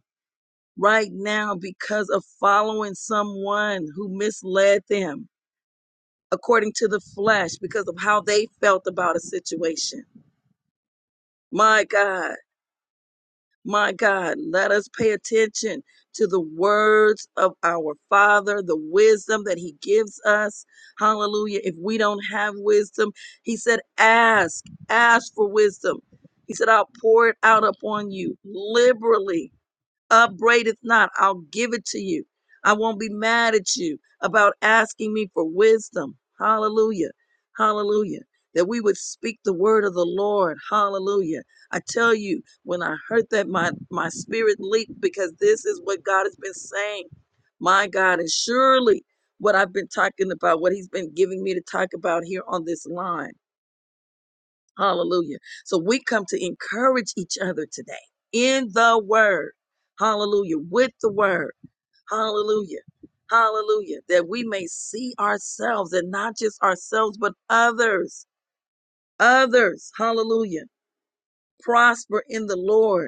[SPEAKER 1] right now, because of following someone who misled them according to the flesh because of how they felt about a situation. My God, my God, let us pay attention to the words of our Father, the wisdom that He gives us. Hallelujah. If we don't have wisdom, He said, ask, ask for wisdom. He said, I'll pour it out upon you liberally upbraideth not, I'll give it to you. I won't be mad at you about asking me for wisdom. Hallelujah. Hallelujah. That we would speak the word of the Lord. Hallelujah. I tell you, when I heard that, my, my spirit leaped because this is what God has been saying. My God, and surely what I've been talking about, what He's been giving me to talk about here on this line. Hallelujah. So we come to encourage each other today in the word. Hallelujah. With the word. Hallelujah. Hallelujah. That we may see ourselves and not just ourselves, but others. Others. Hallelujah. Prosper in the Lord.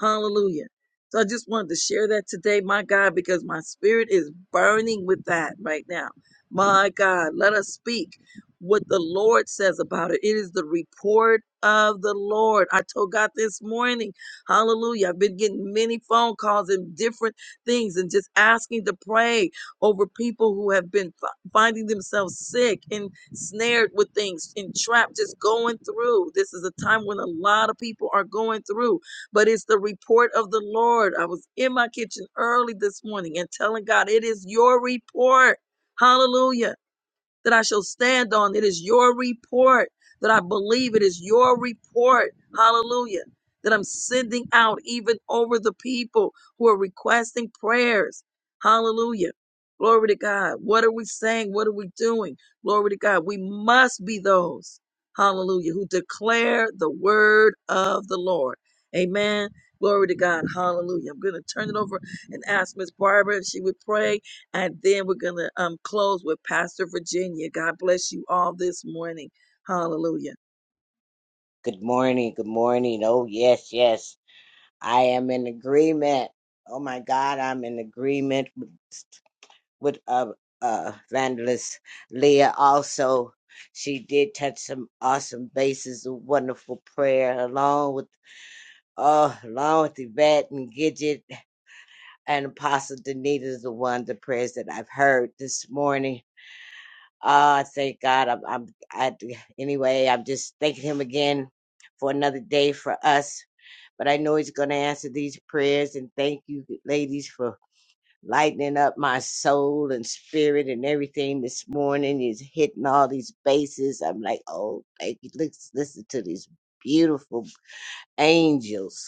[SPEAKER 1] Hallelujah. So I just wanted to share that today, my God, because my spirit is burning with that right now. My God, let us speak what the Lord says about it. It is the report of the Lord. I told God this morning, hallelujah. I've been getting many phone calls and different things and just asking to pray over people who have been fi- finding themselves sick and snared with things, entrapped, just going through. This is a time when a lot of people are going through but it's the report of the Lord. I was in my kitchen early this morning and telling God, it is your report. Hallelujah that I shall stand on. It is your report that I believe. It is your report. Hallelujah. That I'm sending out even over the people who are requesting prayers. Hallelujah. Glory to God. What are we saying? What are we doing? Glory to God. We must be those, hallelujah, who declare the word of the Lord. Amen. Glory to God. Hallelujah. I'm going to turn it over and ask Miss Barbara if she would pray and then we're going to um, close with Pastor Virginia. God bless you all this morning. Hallelujah.
[SPEAKER 5] Good morning. Good morning. Oh, yes, yes. I am in agreement. Oh, my God. I'm in agreement with, with uh, uh, Vandalist Leah also. She did touch some awesome bases of wonderful prayer along with. Oh, along with Yvette and Gidget and Apostle Danita is the one, the prayers that I've heard this morning. Oh, thank God. I'm, I'm, I, anyway, I'm just thanking him again for another day for us but I know He's going to answer these prayers. And thank you, ladies, for lightening up my soul and spirit and everything this morning. He's hitting all these bases. I'm like, oh, thank you. Let's listen to these beautiful angels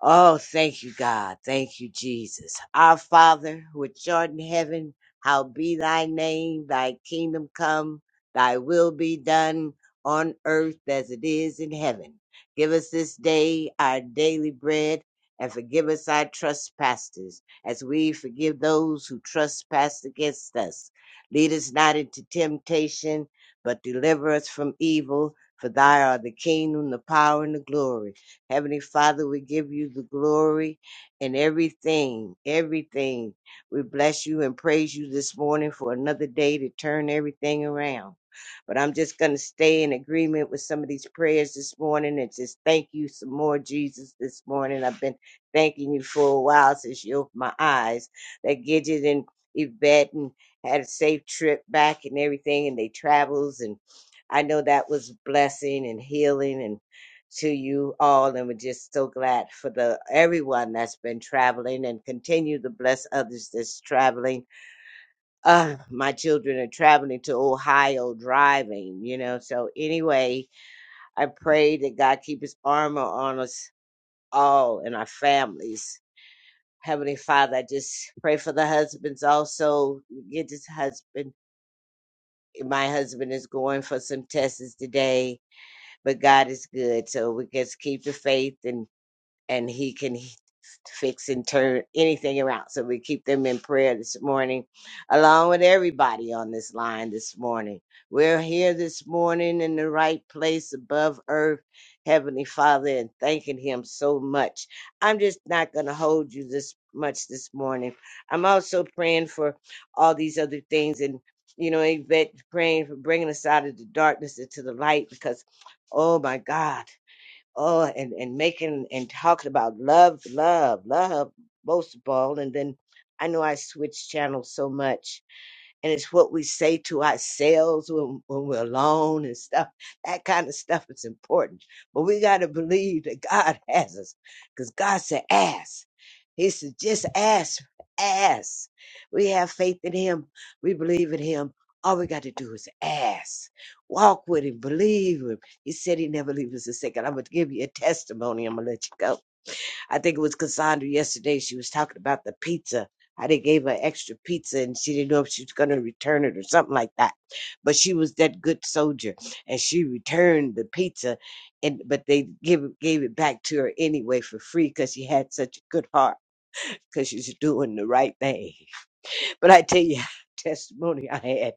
[SPEAKER 5] Oh, thank you, God. Thank you, Jesus. Our Father, which art in heaven, how be thy name, thy kingdom come, thy will be done on earth as it is in heaven. Give us this day our daily bread and forgive us our trespasses as we forgive those who trespass against us. Lead us not into temptation, but deliver us from evil. For thy art the kingdom, the power, and the glory Heavenly Father, we give you the glory in everything, everything. We bless you and praise you this morning for another day to turn everything around. But I'm just going to stay in agreement with some of these prayers this morning and just thank you some more, Jesus, this morning. I've been thanking you for a while since you opened my eyes. That Gidget and Yvette and had a safe trip back and everything and they travels and I know that was blessing and healing and to you all and we're just so glad for the everyone that's been traveling and continue to bless others that's traveling uh my children are traveling to ohio driving you know so anyway i pray that god keep his armor on us all and our families heavenly father i just pray for the husbands also get this husband my husband is going for some tests today but god is good so we just keep the faith and and he can he- fix and turn anything around. So we keep them in prayer this morning, along with everybody on this line this morning. We're here this morning in the right place above earth, Heavenly Father, and thanking Him so much. I'm just not going to hold you this much this morning. I'm also praying for all these other things and you know, Yvette praying for bringing us out of the darkness into the light because, oh my God, oh and and making and talking about love love love most of all and then i know i switched channels so much and it's what we say to ourselves when, when we're alone and stuff. That kind of stuff is important. But we got to believe that God has us because God said, ask. He said, just ask, ask. We have faith in Him, we believe in Him. All we got to do is ask, walk with Him, believe Him. He said He never leaves us a second. I'm going to give you a testimony. I'm going to let you go. I think it was Cassandra yesterday. She was talking about the pizza, how they gave her extra pizza and she didn't know if she was going to return it or something like that. But she was that good soldier and she returned the pizza, and but they give, gave it back to her anyway for free because she had such a good heart because she's doing the right thing. But I tell you, testimony I had,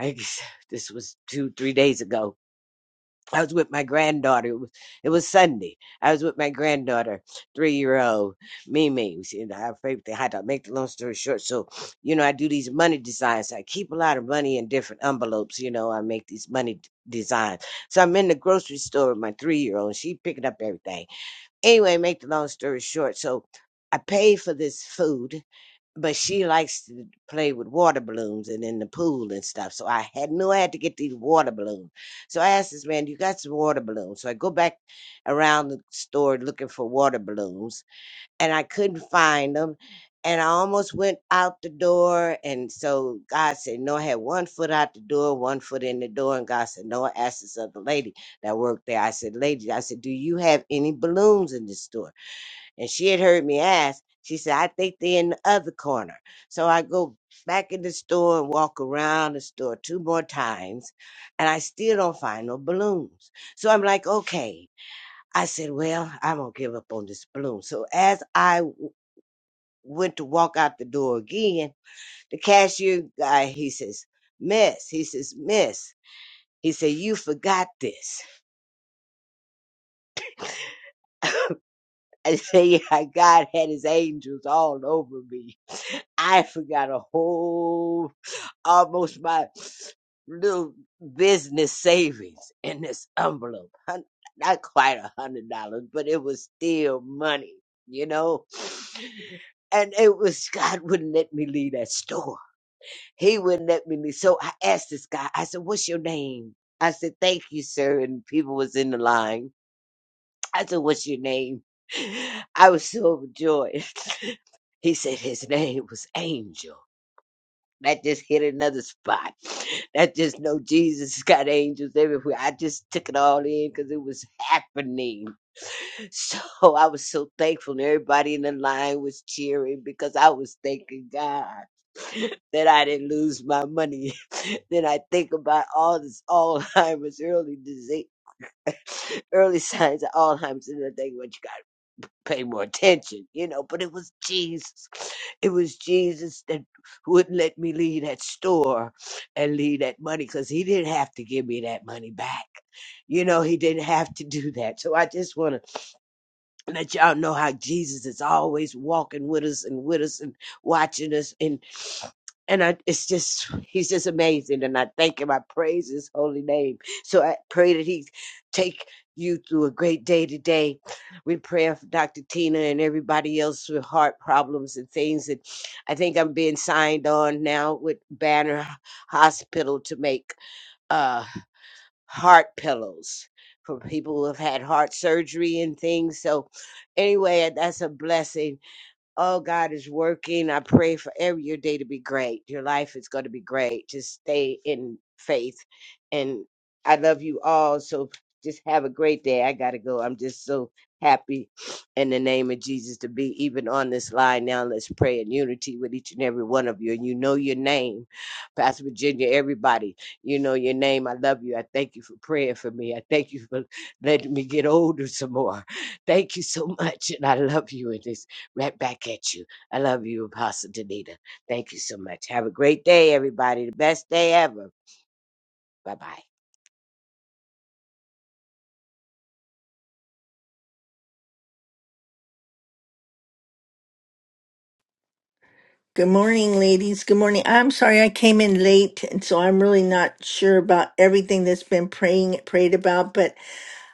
[SPEAKER 5] I guess this was two, three days ago I was with my granddaughter. It was, it was Sunday. I was with my granddaughter, three year old Mimi. You know, her favorite thing. I had to make the long story short. So, you know, I do these money designs. so I keep a lot of money in different envelopes. You know, I make these money d- designs. So I'm in the grocery store with my three year old, and she picking up everything. Anyway, make the long story short. So I paid for this food but she likes to play with water balloons and in the pool and stuff. So I had knew I had to get these water balloons. So I asked this man, "You got some water balloons?" So I go back around the store looking for water balloons, and I couldn't find them. And I almost went out the door, and so God said, "No." I had one foot out the door, one foot in the door, and God said, "No." I asked this other lady that worked there. I said, "Lady, I said, do you have any balloons in this store?" and she had heard me ask. She said, I think they're in the other corner. So I go back in the store and walk around the store two more times, and I still don't find no balloons. So I'm like, okay. I said, well, I'm going to give up on this balloon. So as I w- went to walk out the door again, the cashier guy, he says, Miss, he says, Miss, he said, you forgot this. I said, yeah, God had his angels all over me. I forgot a whole almost my little business savings in this envelope. Hun- Not quite a hundred dollars, but it was still money, you know. And it was God wouldn't let me leave that store. He wouldn't let me leave. So I asked this guy, I said, What's your name? I said, Thank you, sir. And people was in the line. I said, What's your name? I was so overjoyed. He said his name was Angel. That just hit another spot. That just know Jesus has got angels everywhere. I just took it all in because it was happening. So I was so thankful, and everybody in the line was cheering because I was thanking God that I didn't lose my money. then I think about all this Alzheimer's early disease, early signs of Alzheimer's, and I think what you got pay more attention, you know. But it was Jesus. It was Jesus that wouldn't let me leave that store and leave that money because he didn't have to give me that money back. You know, he didn't have to do that. So I just want to and that y'all know how Jesus is always walking with us and with us and watching us and and I, it's just he's just amazing and I thank him I praise his holy name so I pray that he take you through a great day today we pray for Dr. Tina and everybody else with heart problems and things that I think I'm being signed on now with Banner Hospital to make uh, heart pillows for people who have had heart surgery and things. So, anyway, that's a blessing Oh, God is working. I pray for every your day to be great. Your life is going to be great. Just stay in faith. And I love you all. So just have a great day. I got to go. I'm just so happy in the name of Jesus to be even on this line now. Let's pray in unity with each and every one of you. And you know your name, Pastor Virginia, everybody. You know your name. I love you. I thank you for praying for me. I thank you for letting me get older some more. Thank you so much. And I love you in this right back at you. I love you, Apostle Danita. Thank you so much. Have a great day, everybody. The best day ever. Bye bye.
[SPEAKER 6] Good morning, ladies. Good morning. I'm sorry I came in late, and so I'm really not sure about everything that's been praying prayed about. But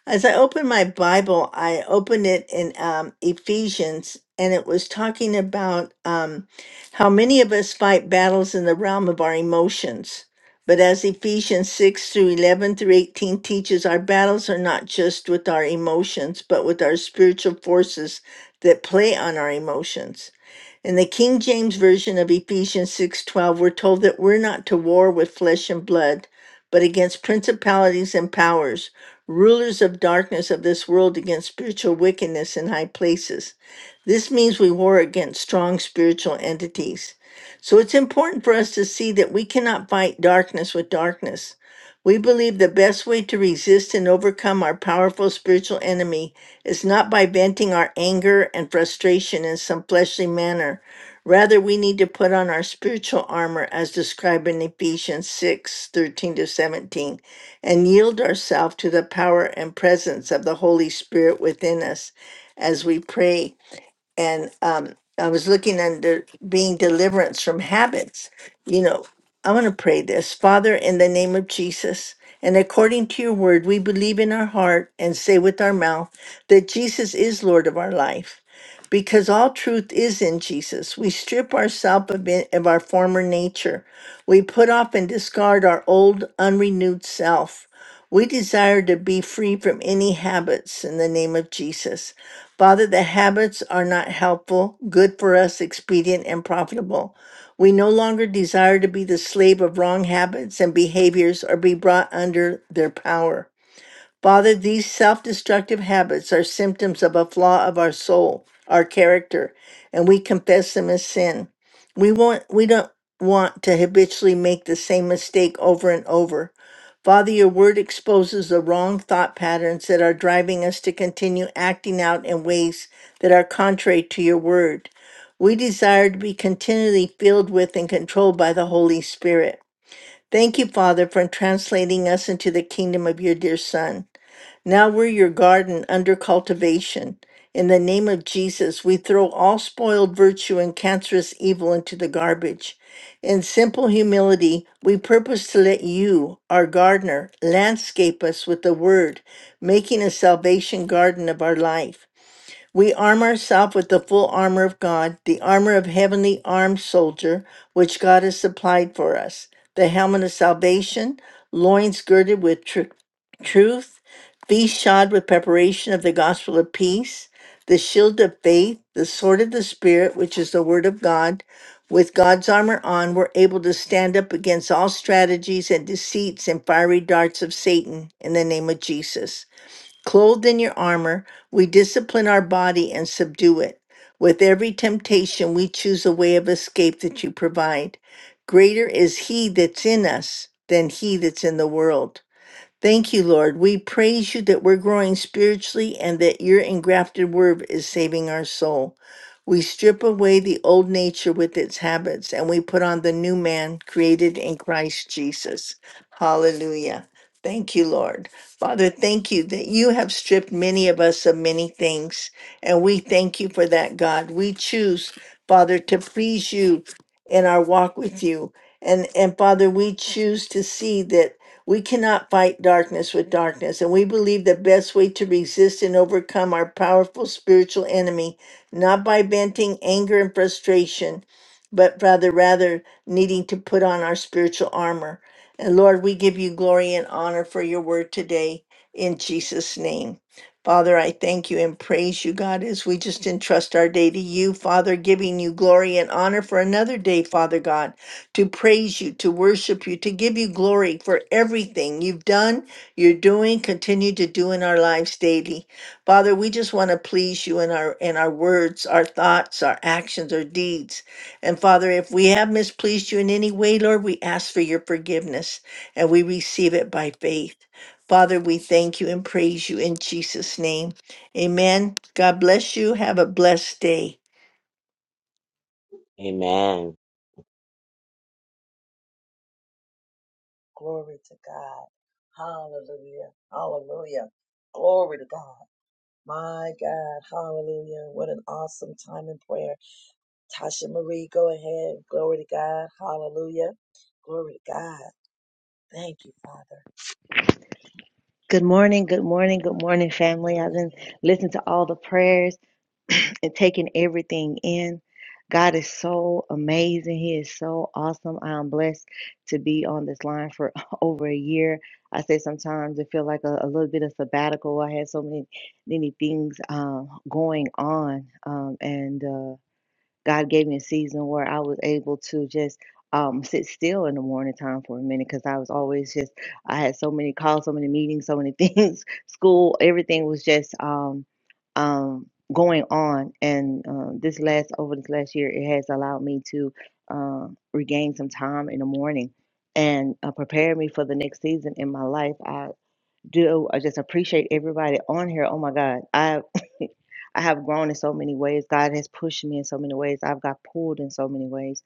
[SPEAKER 6] as I opened my Bible, I opened it in um, Ephesians, and it was talking about um, how many of us fight battles in the realm of our emotions. But as Ephesians 6 through 11 through 18 teaches, our battles are not just with our emotions, but with our spiritual forces that play on our emotions. In the King James Version of Ephesians 6:12, we're told that we're not to war with flesh and blood, but against principalities and powers, rulers of darkness of this world, against spiritual wickedness in high places. This means we war against strong spiritual entities. So it's important for us to see that we cannot fight darkness with darkness. We believe the best way to resist and overcome our powerful spiritual enemy is not by venting our anger and frustration in some fleshly manner. Rather, we need to put on our spiritual armor as described in Ephesians 6 13 to 17 and yield ourselves to the power and presence of the Holy Spirit within us as we pray and um, I was looking under being deliverance from habits. You know, I want to pray this Father, in the name of Jesus, and according to your word, we believe in our heart and say with our mouth that Jesus is Lord of our life. Because all truth is in Jesus, we strip ourselves of, it- of our former nature. We put off and discard our old, unrenewed self. We desire to be free from any habits in the name of Jesus. Father, the habits are not helpful, good for us, expedient, and profitable. We no longer desire to be the slave of wrong habits and behaviors or be brought under their power. Father, these self destructive habits are symptoms of a flaw of our soul, our character, and we confess them as sin. We, want, we don't want to habitually make the same mistake over and over. Father, your word exposes the wrong thought patterns that are driving us to continue acting out in ways that are contrary to your word. We desire to be continually filled with and controlled by the Holy Spirit. Thank you, Father, for translating us into the kingdom of your dear Son. Now we're your garden under cultivation. In the name of Jesus, we throw all spoiled virtue and cancerous evil into the garbage. In simple humility, we purpose to let you, our gardener, landscape us with the word, making a salvation garden of our life. We arm ourselves with the full armor of God, the armor of heavenly armed soldier, which God has supplied for us, the helmet of salvation, loins girded with tru- truth, feet shod with preparation of the gospel of peace, the shield of faith, the sword of the Spirit, which is the word of God. With God's armor on, we're able to stand up against all strategies and deceits and fiery darts of Satan in the name of Jesus. Clothed in your armor, we discipline our body and subdue it. With every temptation, we choose a way of escape that you provide. Greater is He that's in us than He that's in the world. Thank you, Lord. We praise you that we're growing spiritually and that your engrafted word is saving our soul. We strip away the old nature with its habits and we put on the new man created in Christ Jesus. Hallelujah. Thank you, Lord. Father, thank you that you have stripped many of us of many things. And we thank you for that, God. We choose, Father, to please you in our walk with you. And, and Father, we choose to see that we cannot fight darkness with darkness, and we believe the best way to resist and overcome our powerful spiritual enemy, not by venting anger and frustration, but rather rather needing to put on our spiritual armor. And Lord, we give you glory and honor for your word today in Jesus' name. Father, I thank you and praise you, God, as we just entrust our day to you, Father, giving you glory and honor for another day, Father God to praise you, to worship you, to give you glory for everything you've done, you're doing, continue to do in our lives daily. Father, we just want to please you in our in our words, our thoughts, our actions, our deeds. And Father, if we have mispleased you in any way, Lord, we ask for your forgiveness and we receive it by faith. Father, we thank you and praise you in Jesus' name. Amen. God bless you. Have a blessed day.
[SPEAKER 5] Amen.
[SPEAKER 1] Glory to God. Hallelujah. Hallelujah. Glory to God. My God. Hallelujah. What an awesome time in prayer. Tasha Marie, go ahead. Glory to God. Hallelujah. Glory to God. Thank you, Father.
[SPEAKER 7] Good morning, good morning, good morning, family. I've
[SPEAKER 1] Amen.
[SPEAKER 7] been listening to all the prayers and taking everything in. God is so amazing. He is so awesome. I am blessed to be on this line for over a year. I say sometimes it feels like a, a little bit of sabbatical. I had so many, many things um, going on, um, and. uh, God gave me a season where I was able to just um, sit still in the morning time for a minute because I was always just, I had so many calls, so many meetings, so many things, school, everything was just um, um, going on. And uh, this last, over this last year, it has allowed me to uh, regain some time in the morning and uh, prepare me for the next season in my life. I do, I just appreciate everybody on here. Oh my God. I. I have grown in so many ways. God has pushed me in so many ways. I've got pulled in so many ways.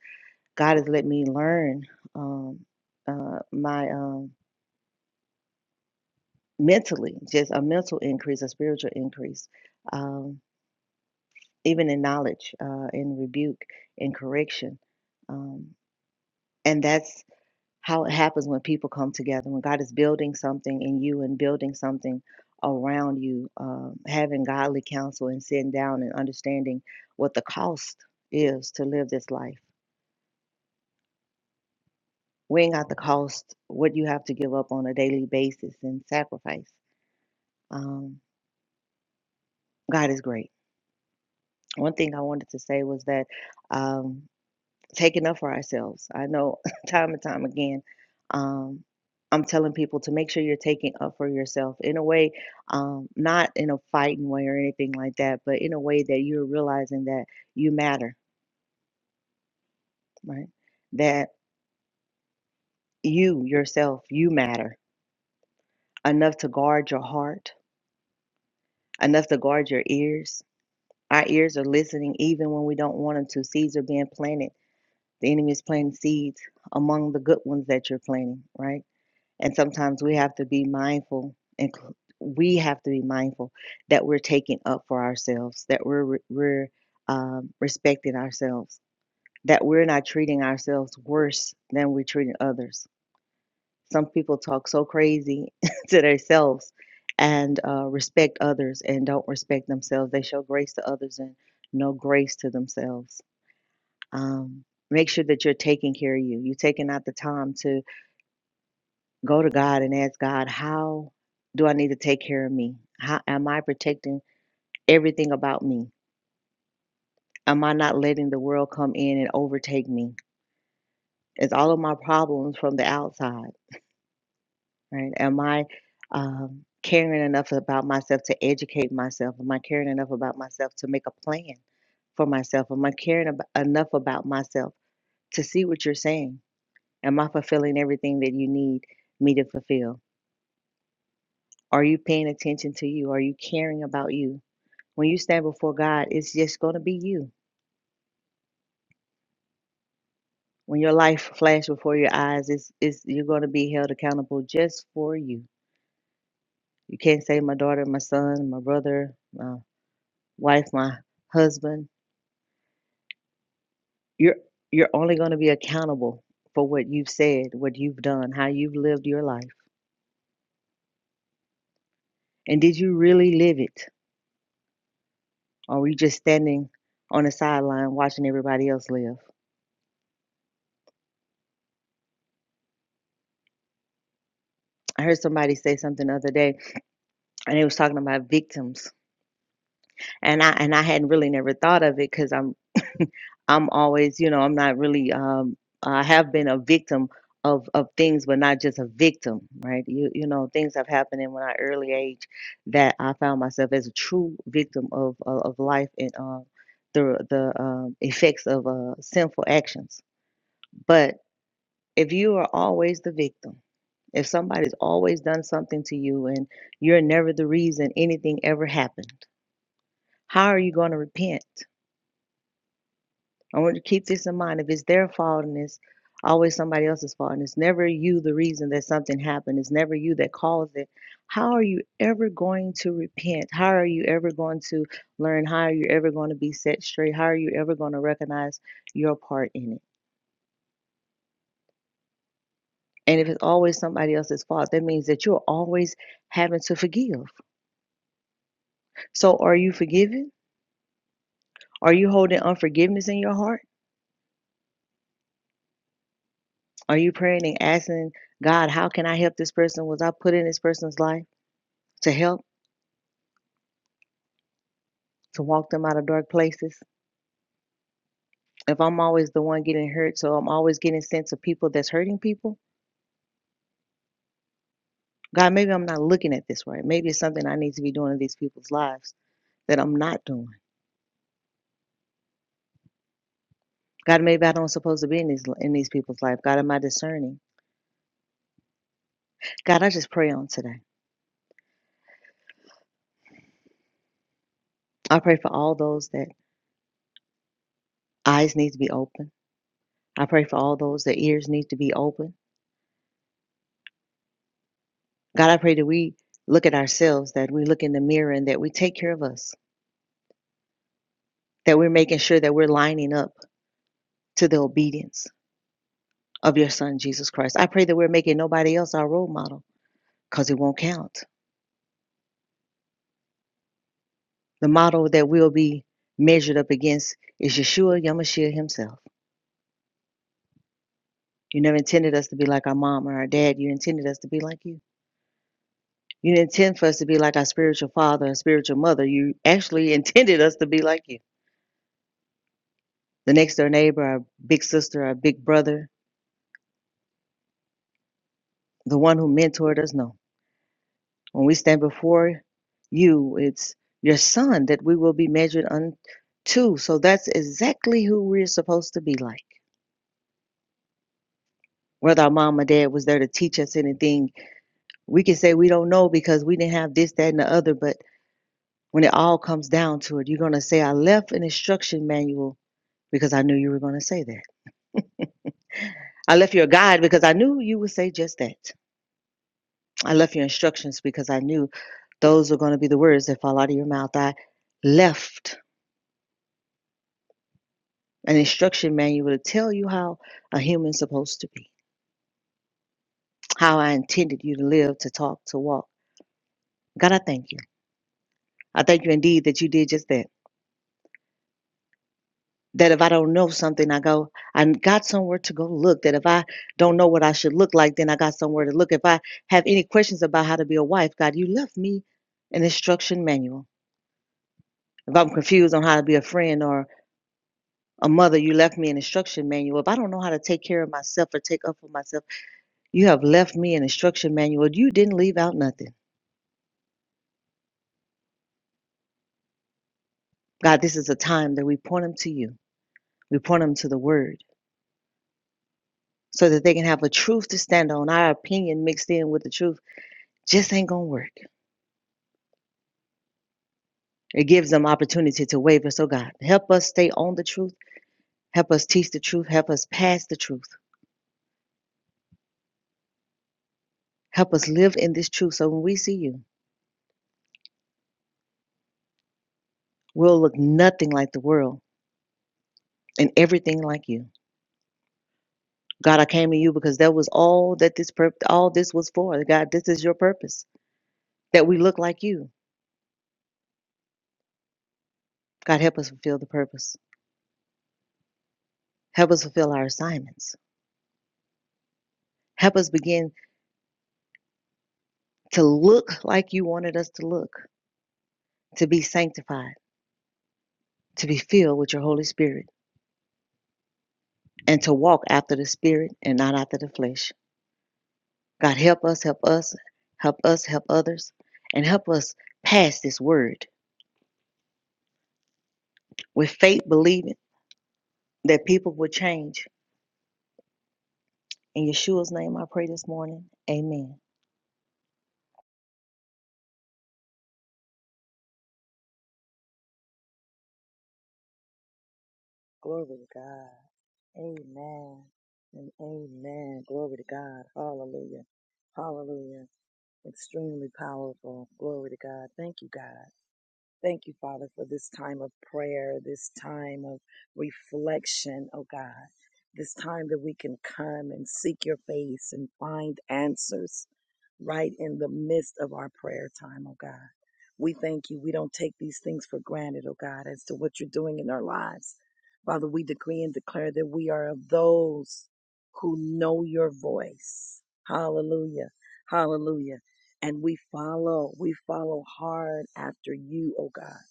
[SPEAKER 7] God has let me learn um, uh, my um, mentally, just a mental increase, a spiritual increase, um, even in knowledge, uh, in rebuke, in correction. Um, and that's how it happens when people come together, when God is building something in you and building something around you, um, having godly counsel and sitting down and understanding what the cost is to live this life, weighing out the cost, what you have to give up on a daily basis and sacrifice. Um, God is great. One thing I wanted to say was that. Um, taking up for ourselves. I know time and time again, um, I'm telling people to make sure you're taking up for yourself in a way, um, not in a fighting way or anything like that, but in a way that you're realizing that you matter, right? That you yourself, you matter enough to guard your heart, enough to guard your ears. Our ears are listening even when we don't want them to. Seeds are being planted. The enemy is planting seeds among the good ones that you're planting, right? And sometimes we have to be mindful, and c- we have to be mindful that we're taking up for ourselves, that we're re- we're um, respecting ourselves, that we're not treating ourselves worse than we're treating others. Some people talk so crazy to themselves and uh, respect others and don't respect themselves. They show grace to others and no grace to themselves. Um, make sure that you're taking care of you. You're taking out the time Go to God and ask God, how do I need to take care of me? How am I protecting everything about me? Am I not letting the world come in and overtake me? Is all of my problems from the outside, right? Am I um, caring enough about myself to educate myself? Am I caring enough about myself to make a plan? for myself? Am I caring ab- enough about myself to see what you're saying? Am I fulfilling everything that you need me to fulfill? Are you paying attention to you? Are you caring about you? when you stand before God, it's just going to be you. When your life flashes before your eyes, it's, it's you're going to be held accountable just for you. You can't say my daughter, my son, my brother, my wife, my husband. You're you're only going to be accountable for what you've said, what you've done, how you've lived your life, and did you really live it, or were you just standing on the sideline watching everybody else live? I heard somebody say something the other day, and they was talking about victims and I and I hadn't really never thought of it because I'm I'm always, you know, I'm not really, um, I have been a victim of, of things, but not just a victim, right? You, you know, things have happened in my early age that I found myself as a true victim of, of, of life and uh, the, the um, effects of uh, sinful actions. But if you are always the victim, if somebody's always done something to you and you're never the reason anything ever happened, how are you going to repent? I want you to keep this in mind. If it's their fault and it's always somebody else's fault and it's never you the reason that something happened, it's never you that caused it, how are you ever going to repent? How are you ever going to learn? How are you ever going to be set straight? How are you ever going to recognize your part in it? And if it's always somebody else's fault, that means that you're always having to forgive. So are you forgiving? Are you holding unforgiveness in your heart? Are you praying and asking God, how can I help this person? Was I put in this person's life to help? to walk them out of dark places. If I'm always the one getting hurt, so I'm always getting sense of people that's hurting people, God, maybe I'm not looking at this right. Maybe it's something I need to be doing in these people's lives that I'm not doing. God, maybe I don't supposed to be in these in these people's life. God, am I discerning? God, I just pray on today. I pray for all those that eyes need to be open. I pray for all those that ears need to be open. God, I pray that we look at ourselves, that we look in the mirror, and that we take care of us. That we're making sure that we're lining up to the obedience of your son Jesus Christ. I pray that we're making nobody else our role model because it won't count. The model that we'll be measured up against is Yeshua Yamashiach himself. You never intended us to be like our mom or our dad. You intended us to be like you. You didn't intend for us to be like our spiritual father and spiritual mother. You actually intended us to be like you. The next door neighbor, our big sister, our big brother, the one who mentored us, no. When we stand before you, it's your son that we will be measured unto. So that's exactly who we're supposed to be like. Whether our mom or dad was there to teach us anything, we can say we don't know because we didn't have this, that, and the other. But when it all comes down to it, you're going to say, I left an instruction manual because I knew you were going to say that. I left your guide because I knew you would say just that. I left your instructions because I knew those were going to be the words that fall out of your mouth. I left An instruction manual to tell you how a human's supposed to be, how I intended you to live, to talk, to walk. God, I thank you. I thank you indeed that you did just that. That if I don't know something, I go, I got somewhere to go look. That if I don't know what I should look like, then I got somewhere to look. If I have any questions about how to be a wife, God, you left me an instruction manual. If I'm confused on how to be a friend or a mother, you left me an instruction manual. If I don't know how to take care of myself or take up for myself, you have left me an instruction manual. You didn't leave out nothing. God, this is a time that we point them to you. We point them to the word so that they can have a truth to stand on. Our opinion mixed in with the truth just ain't going to work. It gives them opportunity to waver. So, God, help us stay on the truth. Help us teach the truth. Help us pass the truth. Help us live in this truth so when we see you, we'll look nothing like the world and everything like you. God, I came to you because that was all that this pur- all this was for. God, this is your purpose that we look like you. God, help us fulfill the purpose. Help us fulfill our assignments. Help us begin to look like you wanted us to look, to be sanctified, to be filled with your Holy Spirit, and to walk after the Spirit and not after the flesh. God, help us, help us, help us, help others, and help us pass this word with faith, believing that people will change. In Yeshua's name, I pray this morning. Amen.
[SPEAKER 1] Glory to God. Amen. And amen. Glory to God. Hallelujah. Hallelujah. Extremely powerful. Glory to God. Thank you, God. Thank you, Father, for this time of prayer, this time of reflection, oh God. This time that we can come and seek your face and find answers right in the midst of our prayer time, oh God. We thank you. We don't take these things for granted, oh God, as to what you're doing in our lives. Father, we decree and declare that we are of those who know your voice. Hallelujah. Hallelujah. And we follow, we follow hard after you, oh God,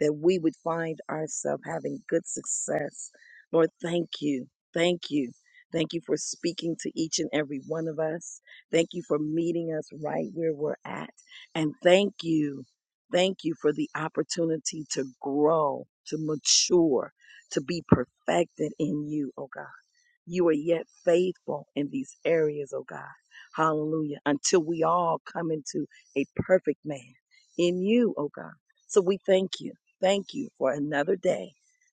[SPEAKER 1] that we would find ourselves having good success. Lord, thank you. Thank you. Thank you for speaking to each and every one of us. Thank you for meeting us right where we're at. And thank you. Thank you for the opportunity to grow, to mature, to be perfected in you, oh God. You are yet faithful in these areas, oh God. Hallelujah. Until we all come into a perfect man in you, oh God. So we thank you. Thank you for another day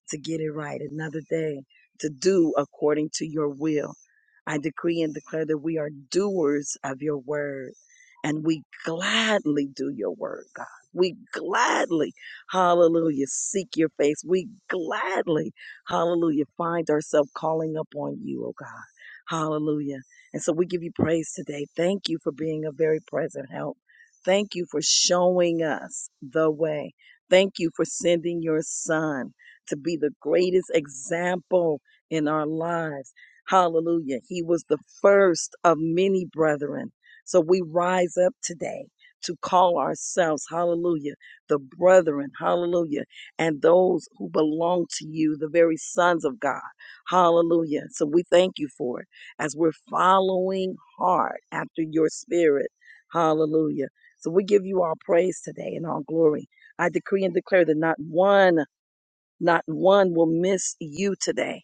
[SPEAKER 1] to get it right, another day to do according to your will. I decree and declare that we are doers of your word and we gladly do your word, God. We gladly, hallelujah, seek your face. We gladly Hallelujah. Find ourselves calling up on you, oh God. Hallelujah. And so we give you praise today. Thank you for being a very present help. Thank you for showing us the way. Thank you for sending your son to be the greatest example in our lives. Hallelujah. He was the first of many brethren. So we rise up today to call ourselves, hallelujah, the brethren, hallelujah and those who belong to you, the very sons of God. Hallelujah. So we thank you for it as we're following hard after your spirit. Hallelujah. So we give you all praise today and all glory. I decree and declare that not one, not one will miss you today.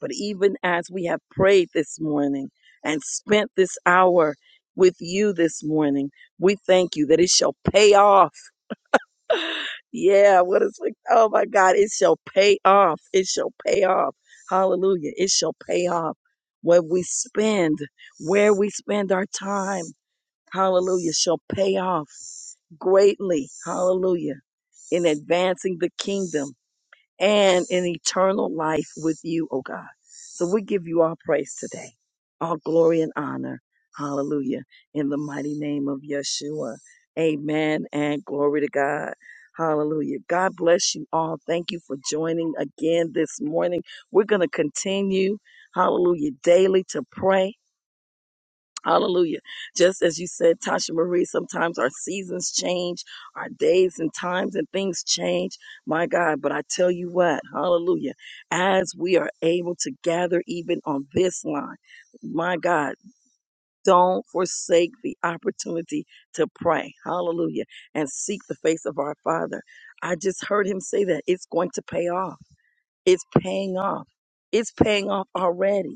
[SPEAKER 1] But even as we have prayed this morning and spent this hour with you this morning, we thank you that it shall pay off yeah, what is like? oh my God, it shall pay off. It shall pay off. Hallelujah. It shall pay off. What we spend, where we spend our time, hallelujah, shall pay off greatly. Hallelujah. In advancing the kingdom and an eternal life with you, oh God. So we give you all praise today, all glory and honor. Hallelujah. In the mighty name of Yeshua. Amen and glory to God. Hallelujah. God bless you all. Thank you for joining again this morning. We're going to continue, hallelujah, daily to pray. Hallelujah. Just as you said, Tasha Marie, sometimes our seasons change, our days and times and things change. My God, but I tell you what, hallelujah. As we are able to gather even on this line, my God, don't forsake the opportunity to pray. Hallelujah. And seek the face of our Father. I just heard him say that it's going to pay off. It's paying off. It's paying off already.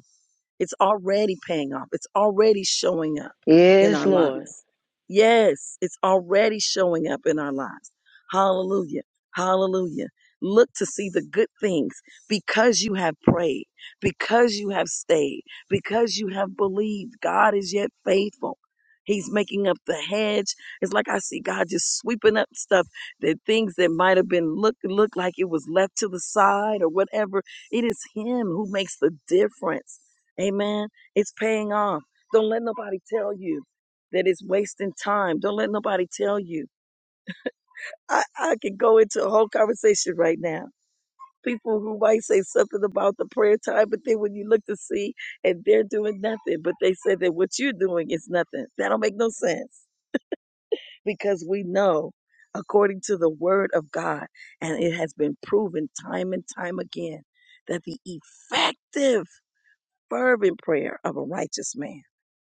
[SPEAKER 1] It's already paying off. It's already showing up in
[SPEAKER 7] Yes,
[SPEAKER 1] our
[SPEAKER 7] Lord.
[SPEAKER 1] lives. Yes, it's already showing up in our lives. Hallelujah. Hallelujah. Look to see the good things because you have prayed, because you have stayed, because you have believed. God is yet faithful. He's making up the hedge. It's like I see God just sweeping up stuff The things that might have been look look like it was left to the side or whatever. It is Him who makes the difference. Amen. It's paying off. Don't let nobody tell you that it's wasting time. Don't let nobody tell you. I, I could go into a whole conversation right now. People who might say something about the prayer time, but then when you look to see and they're doing nothing, but they say that what you're doing is nothing. That don't make no sense because we know according to the word of God, and it has been proven time and time again that the effective fervent prayer of a righteous man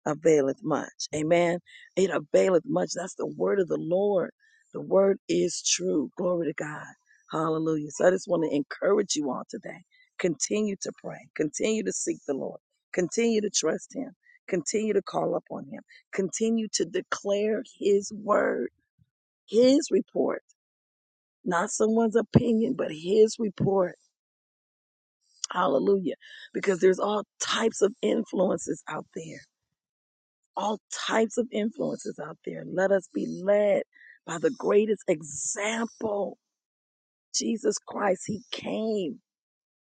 [SPEAKER 1] availeth much. Amen. It availeth much. That's the word of the Lord. The word is true. Glory to God. Hallelujah. So I just want to encourage you all today. Continue to pray. Continue to seek the Lord. Continue to trust Him. Continue to call upon Him. Continue to declare His word, His report, not someone's opinion, but His report. Hallelujah. Because there's all types of influences out there all types of influences out there. Let us be led by the greatest example, Jesus Christ. He came.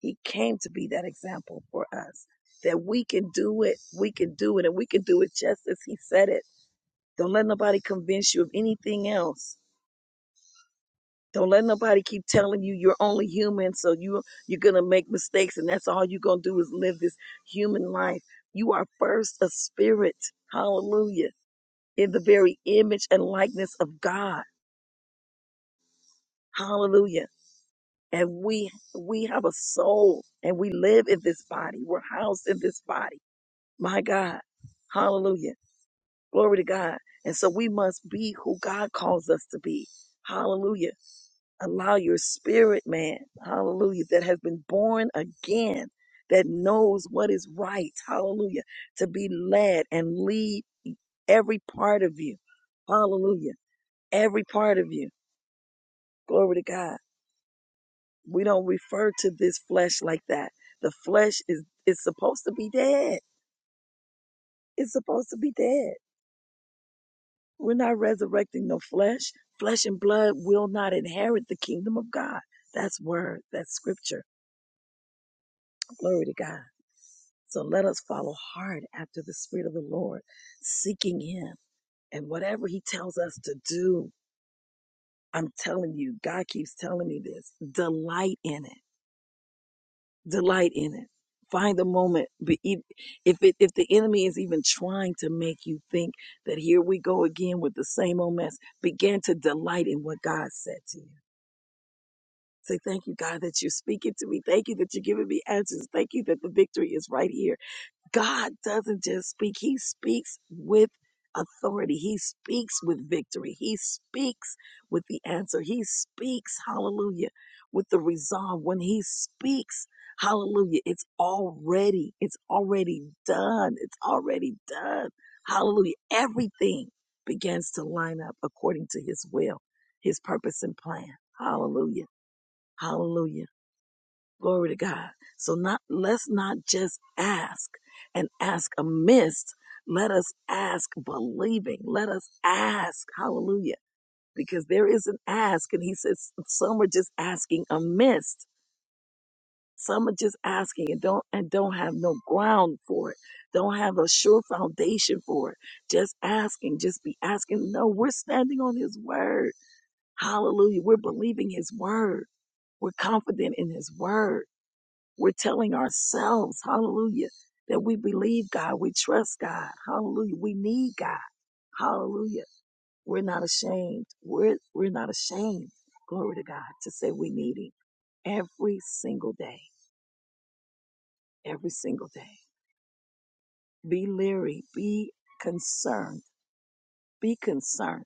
[SPEAKER 1] He came to be that example for us that we can do it. We can do it and we can do it just as he said it. Don't let nobody convince you of anything else. Don't let nobody keep telling you you're only human, so you you're gonna make mistakes, and that's all you're gonna do is live this human life. You are first a spirit. Hallelujah in the very image and likeness of God. Hallelujah. And we we have a soul and we live in this body. We're housed in this body. My God. Hallelujah. Glory to God. And so we must be who God calls us to be. Hallelujah. Allow your spirit, man. Hallelujah. That has been born again, that knows what is right. Hallelujah. To be led and lead every part of you. Hallelujah. Every part of you. Glory to God We don't refer to this flesh like that. The flesh is is supposed to be dead. It's supposed to be dead. We're not resurrecting no flesh. Flesh and blood will not inherit the kingdom of God. That's word. That's scripture. Glory to God. So let us follow hard after the Spirit of the Lord, seeking Him. And whatever He tells us to do, I'm telling you, God keeps telling me this delight in it Delight in it. Find the moment. Be- e- If it, if the enemy is even trying to make you think that here we go again with the same old mess, begin to delight in what God said to you. Say, thank you, God, that you're speaking to me. Thank you that you're giving me answers. Thank you that the victory is right here. God doesn't just speak, He speaks with authority. He speaks with victory. He speaks with the answer. He speaks, hallelujah, with the resolve. When He speaks, hallelujah, it's already, it's already done. It's already done. Hallelujah. Everything begins to line up according to His will, His purpose and plan. Hallelujah. Hallelujah. Glory to God. So not let's not just ask and ask amiss. Let us ask believing. Let us ask, hallelujah, because there is an ask, and he says some are just asking amiss. Some are just asking and don't and don't have no ground for it. Don't have a sure foundation for it. Just asking, just be asking. No, we're standing on his word. Hallelujah. We're believing his word. We're confident in his word we're telling ourselves, hallelujah, that we believe God, we trust God, hallelujah, we need God, hallelujah. We're not ashamed. We're, we're not ashamed, glory to God, to say we need Him every single day, every single day. Be leery, be concerned, be concerned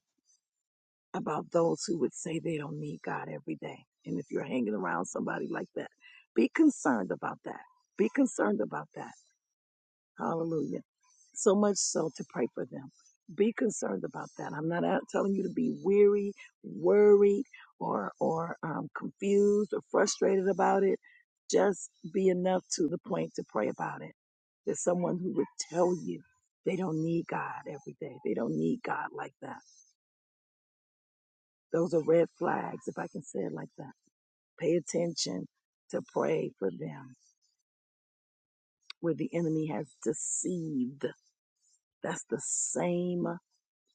[SPEAKER 1] about those who would say they don't need God every day. And if you're hanging around somebody like that, be concerned about that. Be concerned about that Hallelujah. So much so to pray for them. Be concerned about that. I'm not out telling you to be weary, worried, or or um, confused or frustrated about it. Just be enough to the point to pray about it. There's someone who would tell you they don't need God every day. They don't need God like that. Those are red flags, if I can say it like that. Pay attention to pray for them where the enemy has deceived. That's the same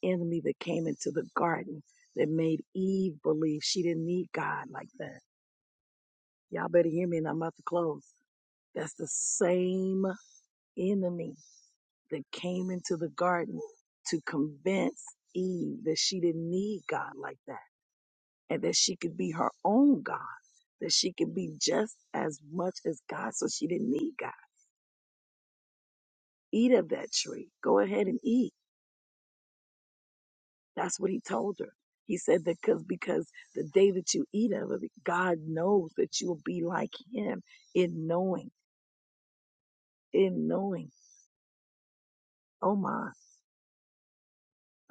[SPEAKER 1] enemy that came into the garden that made Eve believe she didn't need God like that. Y'all better hear me and I'm about to close. That's the same enemy that came into the garden to convince Eve that she didn't need God like that and that she could be her own God, that she could be just as much as God so she didn't need God. Eat of that tree. Go ahead and eat That's what he told her. He said that because because the day that you eat of it, God knows that you will be like Him in knowing, in knowing. Oh my,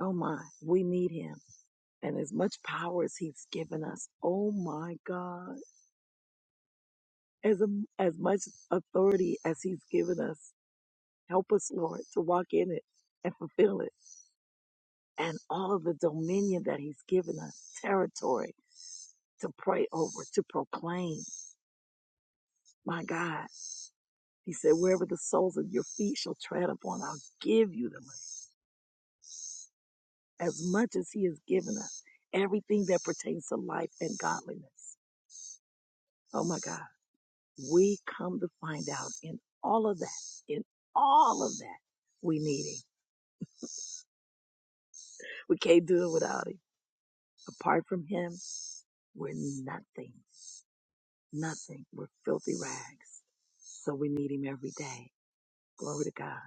[SPEAKER 1] oh my, we need Him, and as much power as He's given us, oh my God, as um, as much authority as He's given us, help us, Lord, to walk in it and fulfill it, and all of the dominion that He's given us, territory to pray over, to proclaim. My God. He said, Wherever the soles of your feet shall tread upon, I'll give you the them as much as He has given us, everything that pertains to life and godliness. Oh my God. We come to find out in all of that, in all of that, we need Him. We can't do it without Him. Apart from Him, we're nothing, nothing. We're filthy rags. So we need Him every day. Glory to God.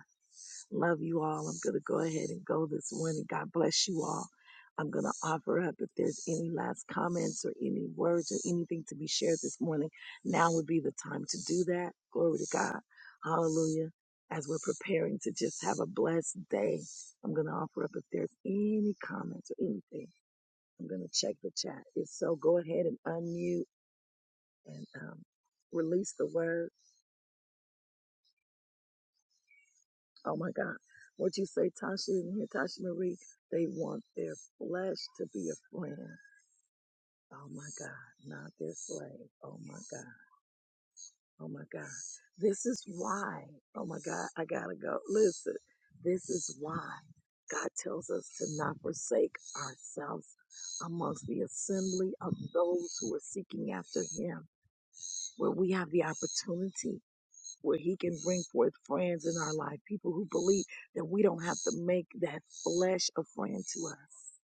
[SPEAKER 1] Love you all. I'm going to go ahead and go this morning. God bless you all. I'm going to offer up if there's any last comments or any words or anything to be shared this morning. Now would be the time to do that. Glory to God. Hallelujah. As we're preparing to just have a blessed day, I'm going to offer up if there's any comments or anything. I'm going to check the chat. If so, go ahead and unmute and um, release the word. Oh my God. What you say, Tasha in here, Tasha Marie, they want their flesh to be a friend. Oh my God, not their slave. Oh my God. Oh my God. This is why. Oh my God, I gotta go. Listen, this is why God tells us to not forsake ourselves amongst the assembly of those who are seeking after Him, where we have the opportunity where he can bring forth friends in our life, people who believe that we don't have to make that flesh a friend to us.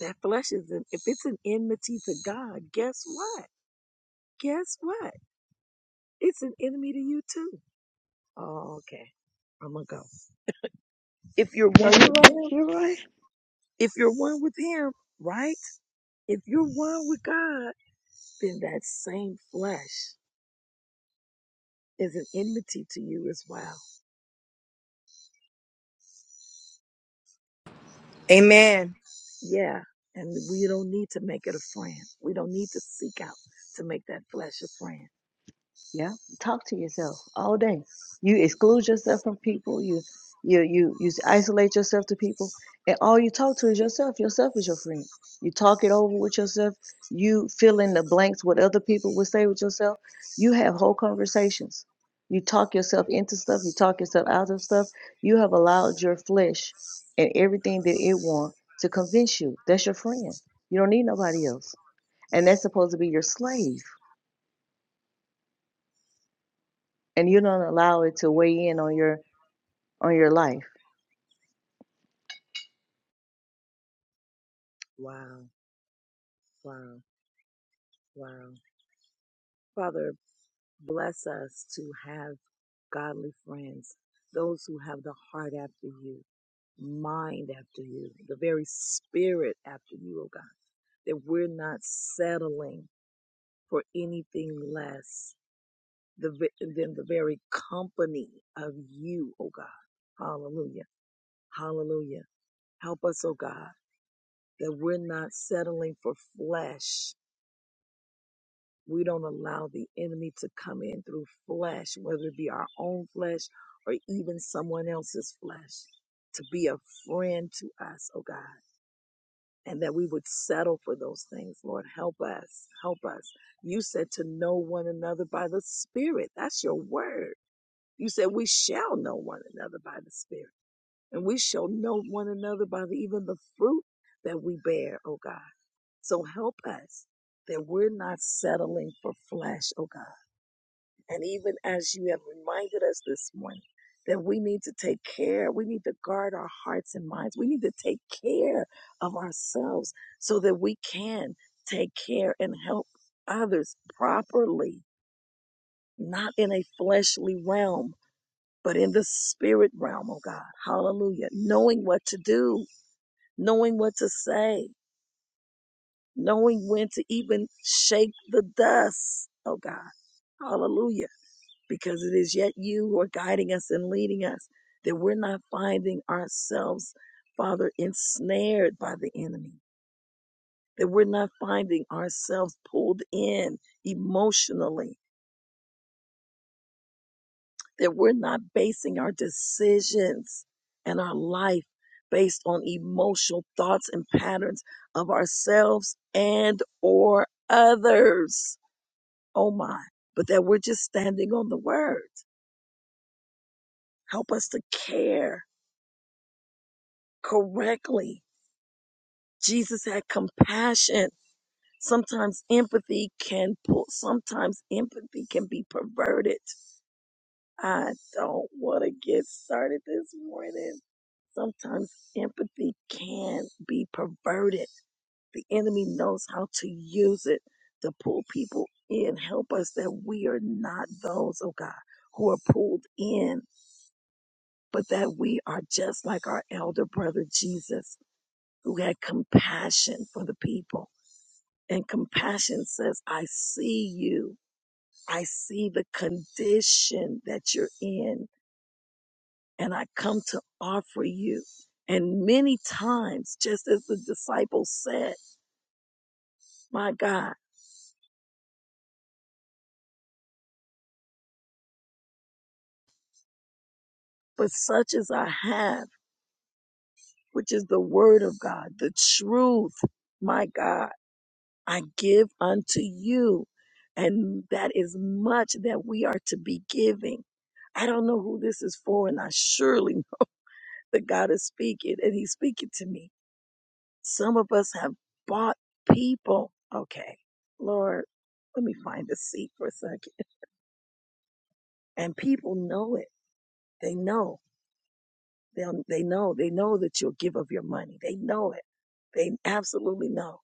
[SPEAKER 1] That flesh is, an, if it's an enmity to God, guess what? Guess what? It's an enemy to you too. Oh, okay. I'm going to go. If you're
[SPEAKER 7] No,
[SPEAKER 1] one
[SPEAKER 7] you're
[SPEAKER 1] with
[SPEAKER 7] right.
[SPEAKER 1] him,
[SPEAKER 7] You're right.
[SPEAKER 1] if you're one with him, right? If you're one with God, then that same flesh is an enmity to you as well.
[SPEAKER 4] Amen.
[SPEAKER 1] Yeah. And we don't need to make it a friend. We don't need to seek out to make that flesh a friend.
[SPEAKER 7] Yeah, talk to yourself all day. You exclude yourself from people. You you you you isolate yourself to people, and all you talk to is yourself. Yourself is your friend. You talk it over with yourself. You fill in the blanks what other people would say with yourself. You have whole conversations. You talk yourself into stuff. You talk yourself out of stuff. You have allowed your flesh and everything that it wants to convince you. That's your friend. You don't need nobody else, and that's supposed to be your slave and you don't allow it to weigh in on your on your life.
[SPEAKER 1] Wow, wow, wow. Father, bless us to have godly friends, those who have the heart after you, mind after you, the very spirit after you, oh God, that we're not settling for anything less the ve- than the very company of you, oh God. Hallelujah. Hallelujah. Help us, oh God, that we're not settling for flesh. We don't allow the enemy to come in through flesh, whether it be our own flesh or even someone else's flesh, to be a friend to us, oh God, and that we would settle for those things. Lord, help us. Help us. You said to know one another by the Spirit. That's your word. You said we shall know one another by the Spirit, and we shall know one another by the, even the fruit that we bear, oh God. So help us that we're not settling for flesh, oh God. And even as you have reminded us this morning, that we need to take care, we need to guard our hearts and minds, we need to take care of ourselves so that we can take care and help others properly, not in a fleshly realm but in the spirit realm, oh God. Hallelujah. Knowing what to do, knowing what to say, knowing when to even shake the dust, oh God. Hallelujah. Because it is yet you who are guiding us and leading us, that we're not finding ourselves, Father, ensnared by the enemy, that we're not finding ourselves pulled in emotionally, that we're not basing our decisions and our life based on emotional thoughts and patterns of ourselves and or others. Oh my. But that we're just standing on the word. Help us to care correctly. Jesus had compassion. Sometimes empathy can pull, sometimes empathy can be perverted. I don't want to get started this morning sometimes empathy can be perverted. The enemy knows how to use it to pull people in. Help us that we are not those, oh God, who are pulled in, but that we are just like our elder brother Jesus, who had compassion for the people. And compassion says, I see you. I see the condition that you're in and I come to offer you. And many times, just as the disciples said, my God, but such as I have, which is the word of God, the truth, my God, I give unto you. And that is much that we are to be giving. I don't know who this is for, and I surely know that God is speaking, and He's speaking to me. Some of us have bought people. Okay, Lord, let me find a seat for a second. and people know it. They know. They they know. They know that you'll give of your money. They know it. They absolutely know.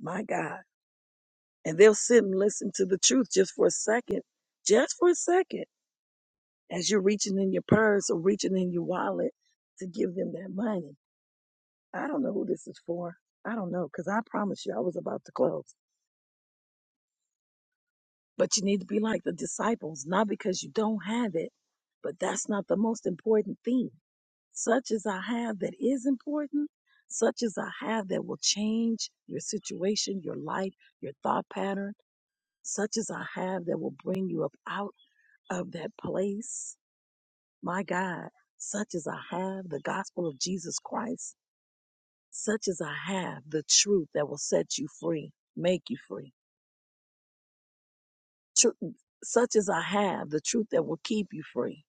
[SPEAKER 1] My God. And they'll sit and listen to the truth just for a second, just for a second, as you're reaching in your purse or reaching in your wallet to give them that money. I don't know who this is for. I don't know, because I promise you, I was about to close. But you need to be like the disciples, not because you don't have it, but that's not the most important thing. such as I have that is important, such as I have that will change your situation, your life, your thought pattern, such as I have that will bring you up out of that place. My God, such as I have the gospel of Jesus Christ, such as I have the truth that will set you free, make you free. Truth, such as I have the truth that will keep you free.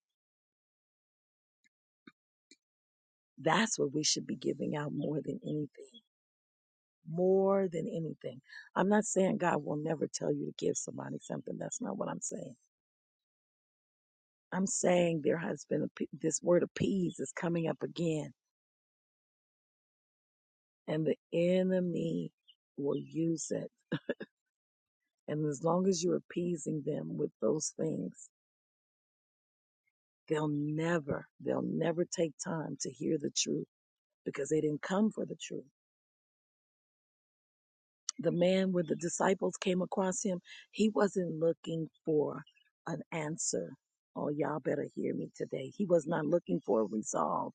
[SPEAKER 1] That's what we should be giving out more than anything. more than anything. I'm not saying God will never tell you to give somebody something. That's not what I'm saying. I'm saying there has been a, p- this word appease is coming up again, and the enemy will use it. And as long as you're appeasing them with those things, they'll never, they'll never take time to hear the truth because they didn't come for the truth. the man when the disciples came across him, he wasn't looking for an answer. Oh, y'all better hear me today. He was not looking for a resolve.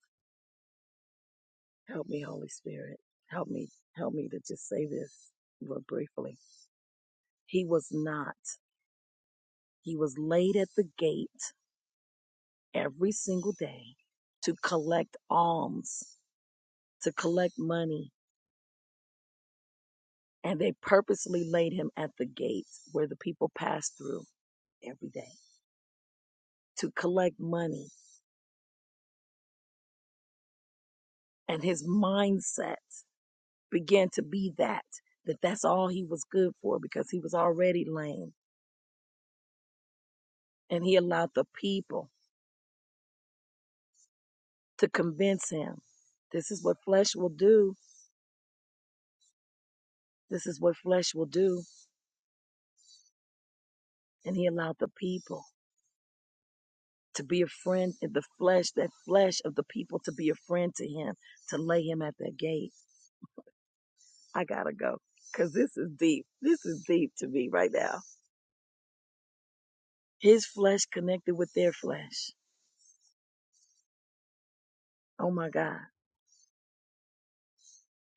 [SPEAKER 1] Help me, Holy Spirit. Help me. Help me to just say this real briefly. He was not. He was laid at the gate every single day to collect alms, to collect money. And they purposely laid him at the gate where the people passed through every day to collect money and his mindset began to be that that that's all he was good for because he was already lame and he allowed the people to convince him this is what flesh will do this is what flesh will do and he allowed the people to be a friend in the flesh that flesh of the people to be a friend to him to lay him at that gate i gotta go because this is deep this is deep to me right now his flesh connected with their flesh oh my god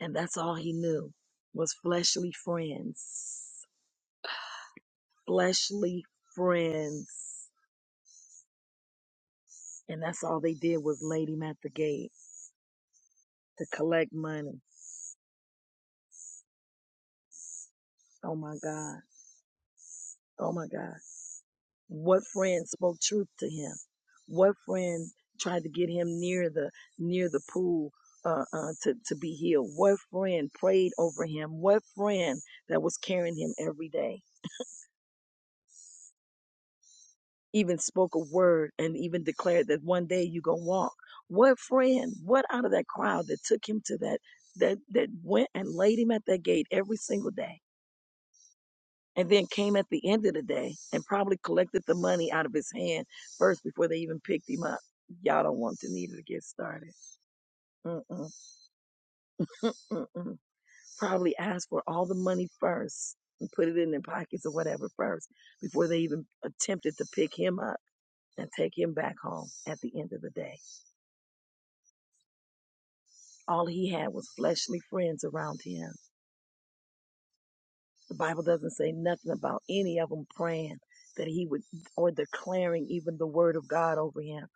[SPEAKER 1] And that's all he knew was fleshly friends. Fleshly friends. And that's all they did was laid him at the gate to collect money. Oh my God. Oh my God. What friend spoke truth to him? What friend tried to get him near the near the pool uh, uh, to to be healed? What friend prayed over him? What friend that was carrying him every day? even spoke a word and even declared that one day you gonna walk. What friend, what out of that crowd that took him to that that that went and laid him at that gate every single day and then came at the end of the day and probably collected the money out of his hand first before they even picked him up. Y'all don't want to need to get started. Mm-mm, mm-mm. Probably asked for all the money first and put it in their pockets or whatever first before they even attempted to pick him up and take him back home at the end of the day. All he had was fleshly friends around him. The Bible doesn't say nothing about any of them praying that he would or declaring even the word of God over him.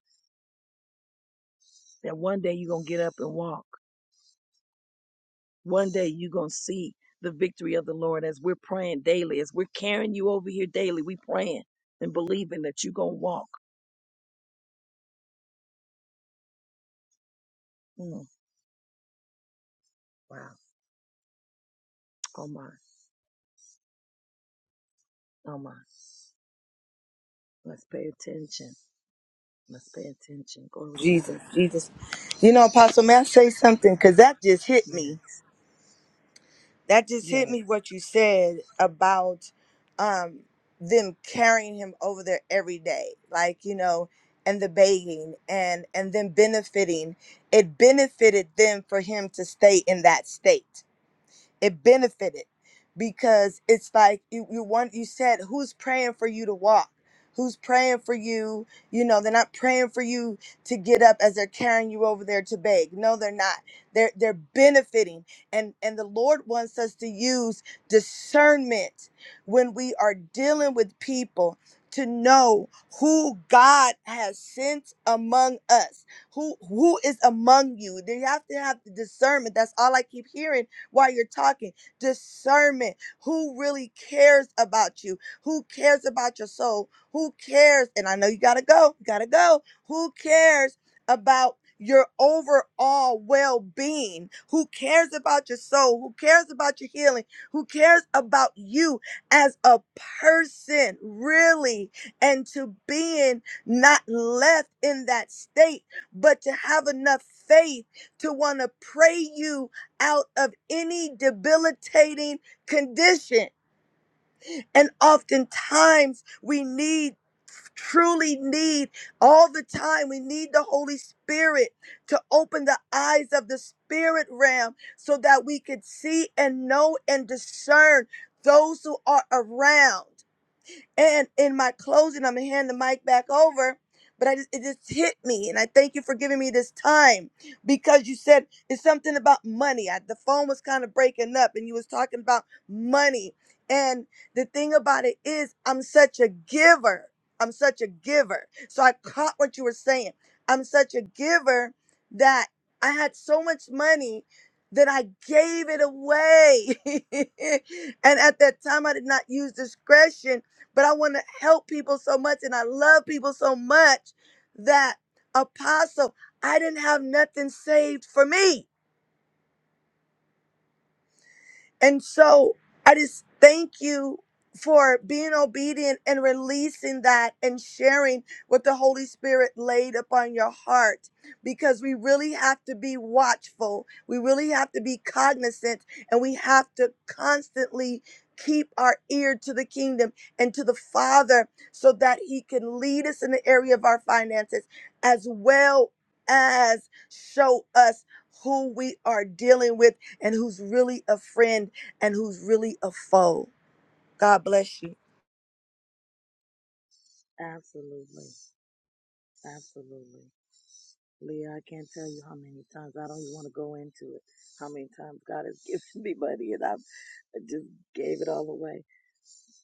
[SPEAKER 1] That one day you're going to get up and walk. One day you're going to see the victory of the Lord as we're praying daily, as we're carrying you over here daily. we praying and believing that you're going to walk. Mm, wow. Oh my. Oh my. Let's pay attention. Let's pay attention. Glory to God.
[SPEAKER 4] Jesus, Jesus. You know, Apostle, may I say something? Because that just hit me.
[SPEAKER 1] Yes.
[SPEAKER 4] that just hit
[SPEAKER 1] Yes.
[SPEAKER 4] me what you said about um them carrying him over there every day like you know and the begging and and then benefiting it benefited them for him to stay in that state it benefited because it's like you, you want you said who's praying for you to walk who's praying for you you know they're not praying for you to get up as they're carrying you over there to beg no they're not they're they're benefiting and and the lord wants us to use discernment when we are dealing with people to know who god has sent among us who who is among you you have to have the discernment that's all i keep hearing while you're talking. Discernment. Who really cares about you? Who cares about your soul? Who cares? And I know you gotta go, you gotta go. Who cares about your overall well being? Who cares about your soul? Who cares about your healing? Who cares about you as a person, really? And to being not left in that state, but to have enough faith to want to pray you out of any debilitating condition. And oftentimes we need truly need all the time. We need the Holy Spirit to open the eyes of the spirit realm so that we could see and know and discern those who are around. And in my closing, I'm gonna hand the mic back over. But I just it just hit me, and I thank you for giving me this time because you said it's something about money. I, the phone was kind of breaking up, and you was talking about money. And the thing about it is, I'm such a giver. I'm such a giver. So I caught what you were saying. I'm such a giver that I had so much money that I gave it away. and at that time, I did not use discretion but I want to help people so much and I love people so much that apostle, I didn't have nothing saved for me. And so I just thank you for being obedient and releasing that and sharing what the Holy Spirit laid upon your heart because we really have to be watchful. We really have to be cognizant and we have to constantly keep our ear to the kingdom and to the Father so that He can lead us in the area of our finances as well as show us who we are dealing with and who's really a friend and who's really a foe. God bless you.
[SPEAKER 1] Absolutely. Absolutely. Leah, I can't tell you how many times I don't even want to go into it. How many times God has given me money and I've, I just gave it all away.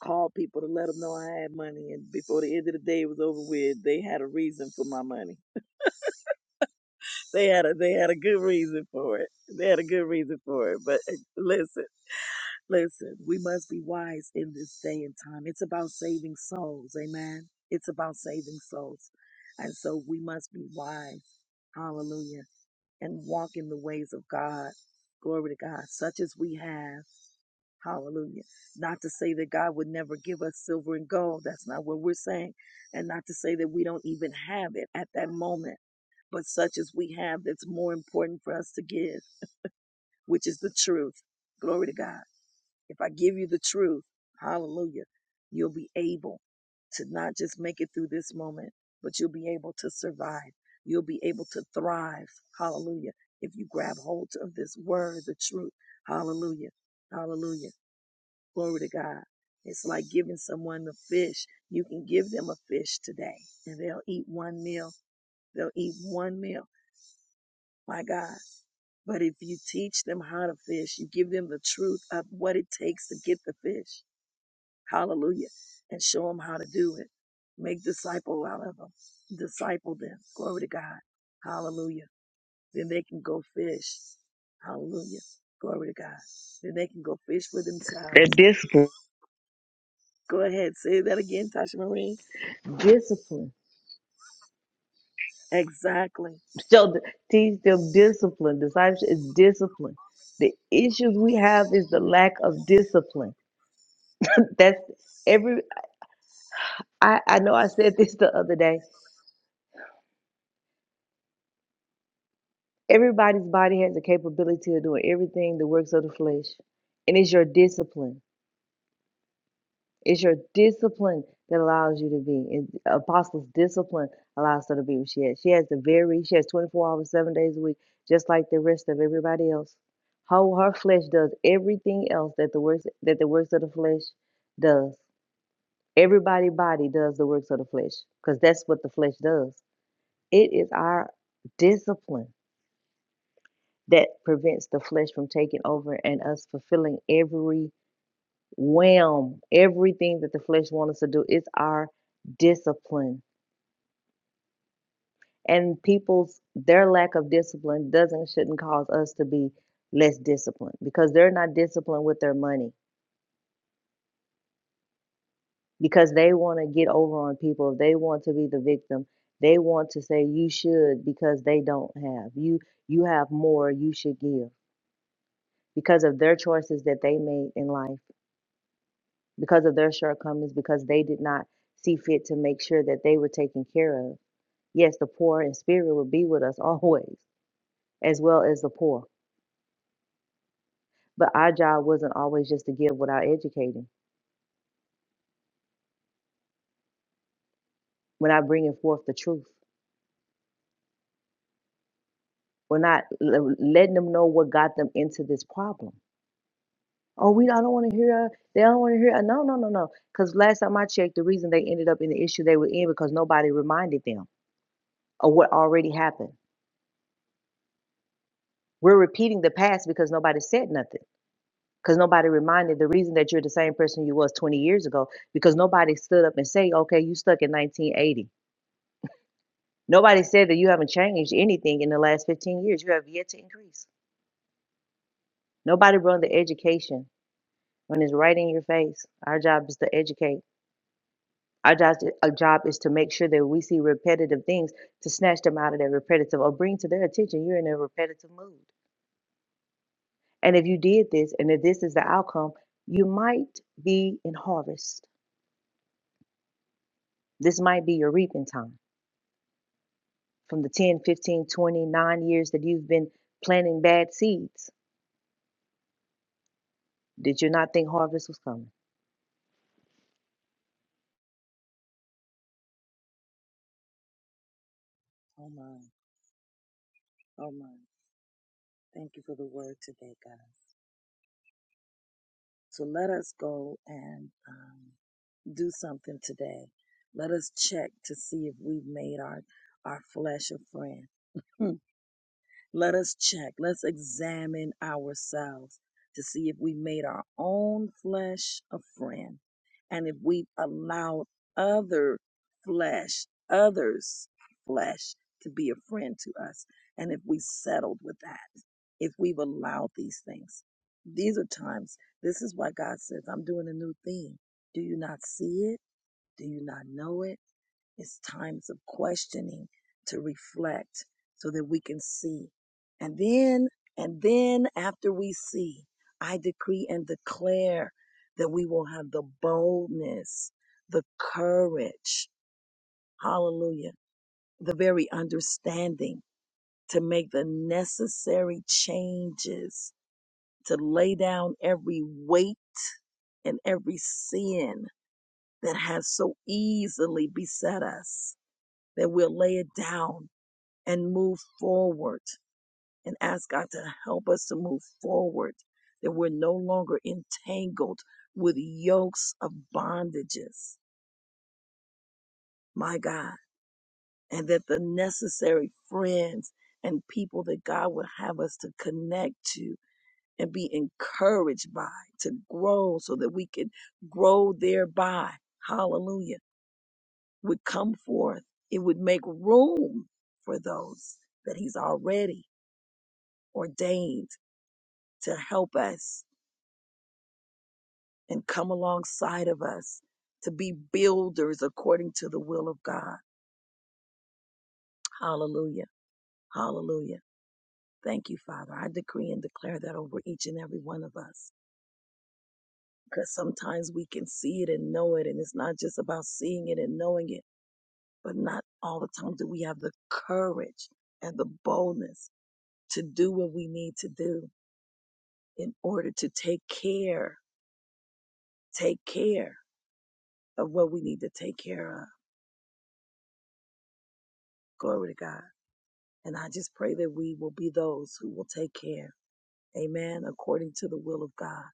[SPEAKER 1] Called people to let them know I had money, and before the end of the day was over with, they had a reason for my money. They had a they had a good reason for it. They had a good reason for it. But eh, listen, listen, we must be wise in this day and time. It's about saving souls, amen. It's about saving souls, and so we must be wise. Hallelujah and walk in the ways of God. Glory to God, such as we have. Hallelujah. Not to say that God would never give us silver and gold. That's not what we're saying. And not to say that we don't even have it at that moment, but such as we have, that's more important for us to give, which is the truth. Glory to God. If I give you the truth, hallelujah, you'll be able to not just make it through this moment, but you'll be able to survive. You'll be able to thrive. Hallelujah. If you grab hold of this word, the truth. Hallelujah. Hallelujah. Glory to God. It's like giving someone a fish. You can give them a fish today and they'll eat one meal. They'll eat one meal. My God. But if you teach them how to fish, you give them the truth of what it takes to get the fish Hallelujah. And show them how to do it. Make disciple out of them. Disciple them. Glory to God. Hallelujah. Then they can go fish. Hallelujah. Glory to God. Then they can go fish for
[SPEAKER 7] That
[SPEAKER 1] themselves.
[SPEAKER 7] discipline,
[SPEAKER 1] Go ahead. Say that again, Tasha Marie.
[SPEAKER 7] discipline.
[SPEAKER 1] Exactly.
[SPEAKER 7] So th- teach them discipline. Discipleship is discipline. The issues we have is the lack of discipline. That's every. I I know I said this the other day. Everybody's body has the capability of doing everything the works of the flesh, and it's your discipline It's your discipline that allows you to be. And Apostle's discipline allows her to be what she has. She has the very, she has 24 hours, seven days a week, just like the rest of everybody else. How her flesh does everything else that the works that the works of the flesh does. Everybody body does the works of the flesh because that's what the flesh does. It is our discipline that prevents the flesh from taking over and us fulfilling every wham everything that the flesh wants us to do it's our discipline and people's their lack of discipline doesn't shouldn't cause us to be less disciplined because they're not disciplined with their money because they want to get over on people they want to be the victim they want to say you should because they don't have you you have more you should give because of their choices that they made in life because of their shortcomings because they did not see fit to make sure that they were taken care of Yes, the poor in spirit will be with us always, as well as the poor. But our job wasn't always just to give without educating. We're not bringing forth the truth. We're not l- letting them know what got them into this problem. Oh, we I don't want to hear. uh, They don't want to hear. uh, No, no, no, no. Because last time I checked, the reason they ended up in the issue they were in because nobody reminded them of what already happened. We're repeating the past because nobody said nothing. because nobody reminded the reason that you're the same person you was 20 years ago because nobody stood up and say okay you stuck in 1980 nobody said that you haven't changed anything in the last 15 years you have yet to increase nobody run the education when it's right in your face our job is to educate our job, our job is to make sure that we see repetitive things to snatch them out of that repetitive or bring to their attention you're in a repetitive mood and if you did this and if this is the outcome you might be in harvest this might be your reaping time from the ten, fifteen, twenty-nine years that you've been planting bad seeds? Did you not think harvest was coming?
[SPEAKER 1] Oh my. Oh my. Thank you for the word today, God. So let us go and um, do something today. Let us check to see if we've made our, our flesh a friend. Let us check, let's examine ourselves to see if we made our own flesh a friend and if we've allowed other flesh, others' flesh to be a friend to us, and if we settled with that, if we've allowed these things. These are times, this is why God says, I'm doing a new thing. Do you not see it? Do you not know it? It's times of questioning to reflect so that we can see. And then, and then after we see, I decree and declare that we will have the boldness, the courage, hallelujah, the very understanding to make the necessary changes, to lay down every weight and every sin that has so easily beset us, that we'll lay it down and move forward and ask God to help us to move forward, that we're no longer entangled with yokes of bondages, my God, and that the necessary friends and people that God would have us to connect to and be encouraged by to grow so that we can grow thereby, hallelujah, would come forth. It would make room for those that He's already ordained to help us and come alongside of us to be builders according to the will of God. Hallelujah. Hallelujah. Thank you, Father. I decree and declare that over each and every one of us because sometimes we can see it and know it, and it's not just about seeing it and knowing it, but not all the time do we have the courage and the boldness to do what we need to do in order to take care, take care of what we need to take care of. Glory to God. And I just pray that we will be those who will take care. Amen. According to the will of God.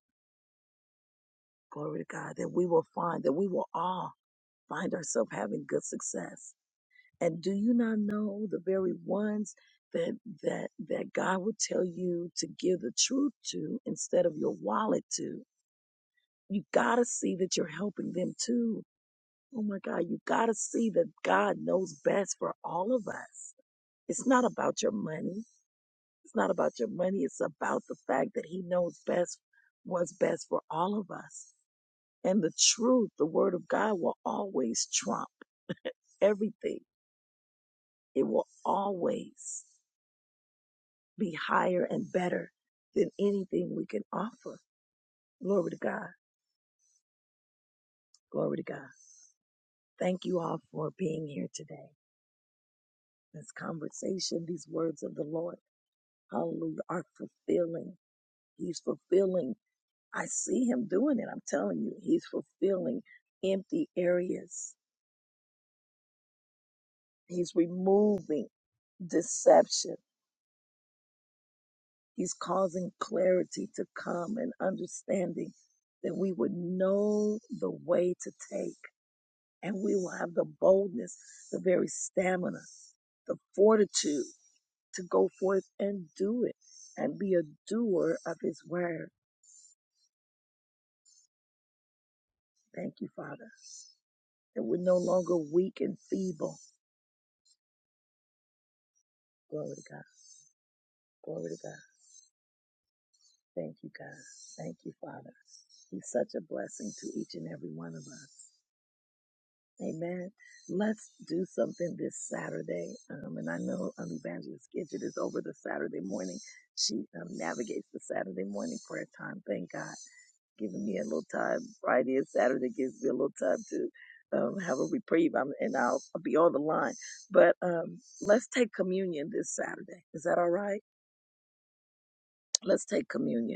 [SPEAKER 1] Glory to God. That we will find, that we will all find ourselves having good success. And do you not know the very ones that that that God would tell you to give the truth to instead of your wallet to? You gotta see that you're helping them too. Oh my God, you gotta see that God knows best for all of us. It's not about your money. It's not about your money. It's about the fact that he knows best what's best for all of us. And the truth, the word of God will always trump everything. It will always be higher and better than anything we can offer. Glory to God. Glory to God. Thank you all for being here today. This conversation, these words of the Lord, hallelujah, are fulfilling. He's fulfilling I see him doing it. I'm telling you, he's fulfilling empty areas. He's removing deception. He's causing clarity to come and understanding that we would know the way to take and we will have the boldness, the very stamina, the fortitude to go forth and do it and be a doer of his word. Thank you, Father, that we're no longer weak and feeble. Glory to God. Glory to God. Thank you, God. Thank you, Father. He's such a blessing to each and every one of us. Amen. Let's do something this Saturday. Um, and I know um, Evangelist Gidget is over the Saturday morning. She um, navigates the Saturday morning prayer time. Thank God. Giving me a little time. Friday and Saturday gives me a little time to um, have a reprieve. I'm, and I'll, I'll be on the line. But um, let's take communion this Saturday. Is that all right? Let's take communion.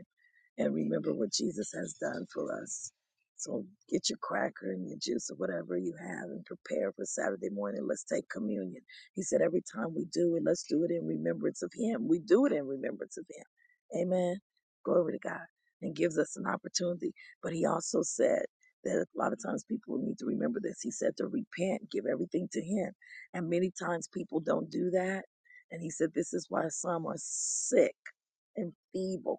[SPEAKER 1] and remember what Jesus has done for us. So get your cracker and your juice or whatever you have and prepare for Saturday morning. Let's take communion. He said every time we do it, let's do it in remembrance of him. We do it in remembrance of him. Amen. Glory to God. And gives us an opportunity. But he also said that a lot of times people need to remember this. He said to repent, give everything to him. And many times people don't do that. And he said this is why some are sick and feeble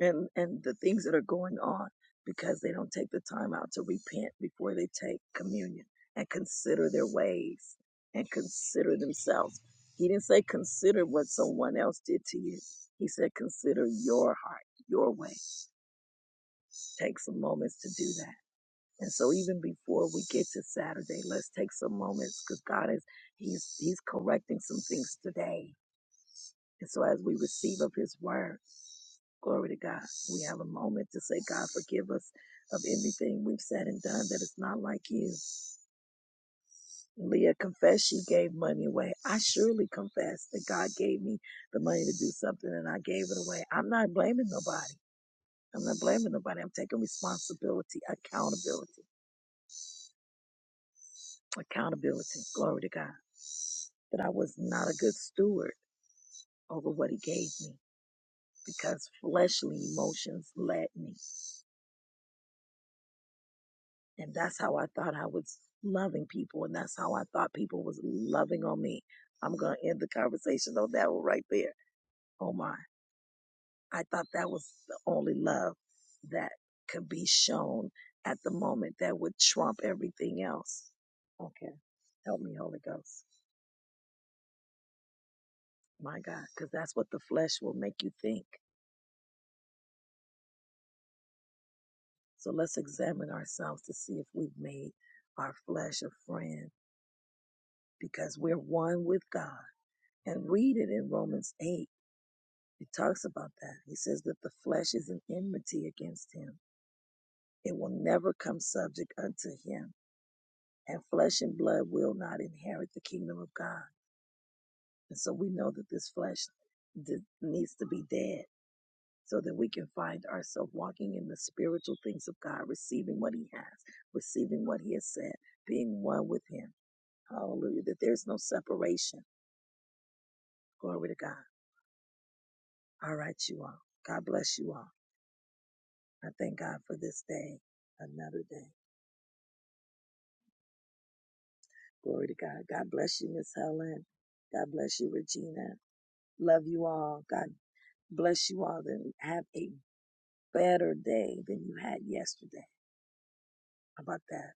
[SPEAKER 1] and and the things that are going on because they don't take the time out to repent before they take communion and consider their ways and consider themselves. He didn't say consider what someone else did to you. He said consider your heart, your way. Take some moments to do that. And so even before we get to Saturday, let's take some moments because God is He's He's correcting some things today. And so as we receive of His word Glory to God. We have a moment to say, God, forgive us of anything we've said and done that is not like you. Leah confessed she gave money away. I surely confess that God gave me the money to do something and I gave it away. I'm not blaming nobody. I'm not blaming nobody. I'm taking responsibility, accountability, accountability. Glory to God. That I was not a good steward over what he gave me because fleshly emotions led me. And that's how I thought I was loving people. And that's how I thought people was loving on me. I'm going to end the conversation on that one right there. Oh my. I thought that was the only love that could be shown at the moment that would trump everything else. Okay. Help me, Holy Ghost. My God. Because that's what the flesh will make you think. So let's examine ourselves to see if we've made our flesh a friend because we're one with God. And read it in Romans 8 It talks about that. He says that the flesh is an enmity against him. It will never come subject unto him, and flesh and blood will not inherit the kingdom of God. And so we know that this flesh d- needs to be dead so that we can find ourselves walking in the spiritual things of God, receiving what he has, receiving what he has said, being one with him. Hallelujah. That there's no separation. Glory to God. All right, you all. God bless you all. I thank God for this day, another day. Glory to God. God bless you, Miss Helen. God bless you, Regina. Love you all. God bless you all. Then have a better day than you had yesterday. How about that?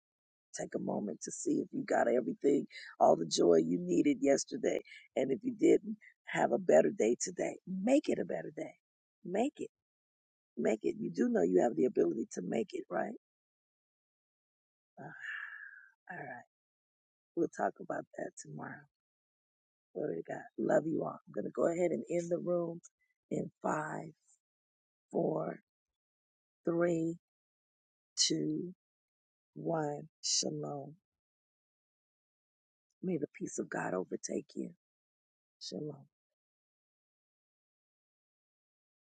[SPEAKER 1] Take a moment to see if you got everything, all the joy you needed yesterday. And if you didn't, have a better day today. Make it a better day. Make it. Make it. You do know you have the ability to make it, right? Uh, all right. We'll talk about that tomorrow. Glory to God. Love you all. I'm going to go ahead and end the room in five, four, three, two, one. Shalom. May the peace of God overtake you. Shalom.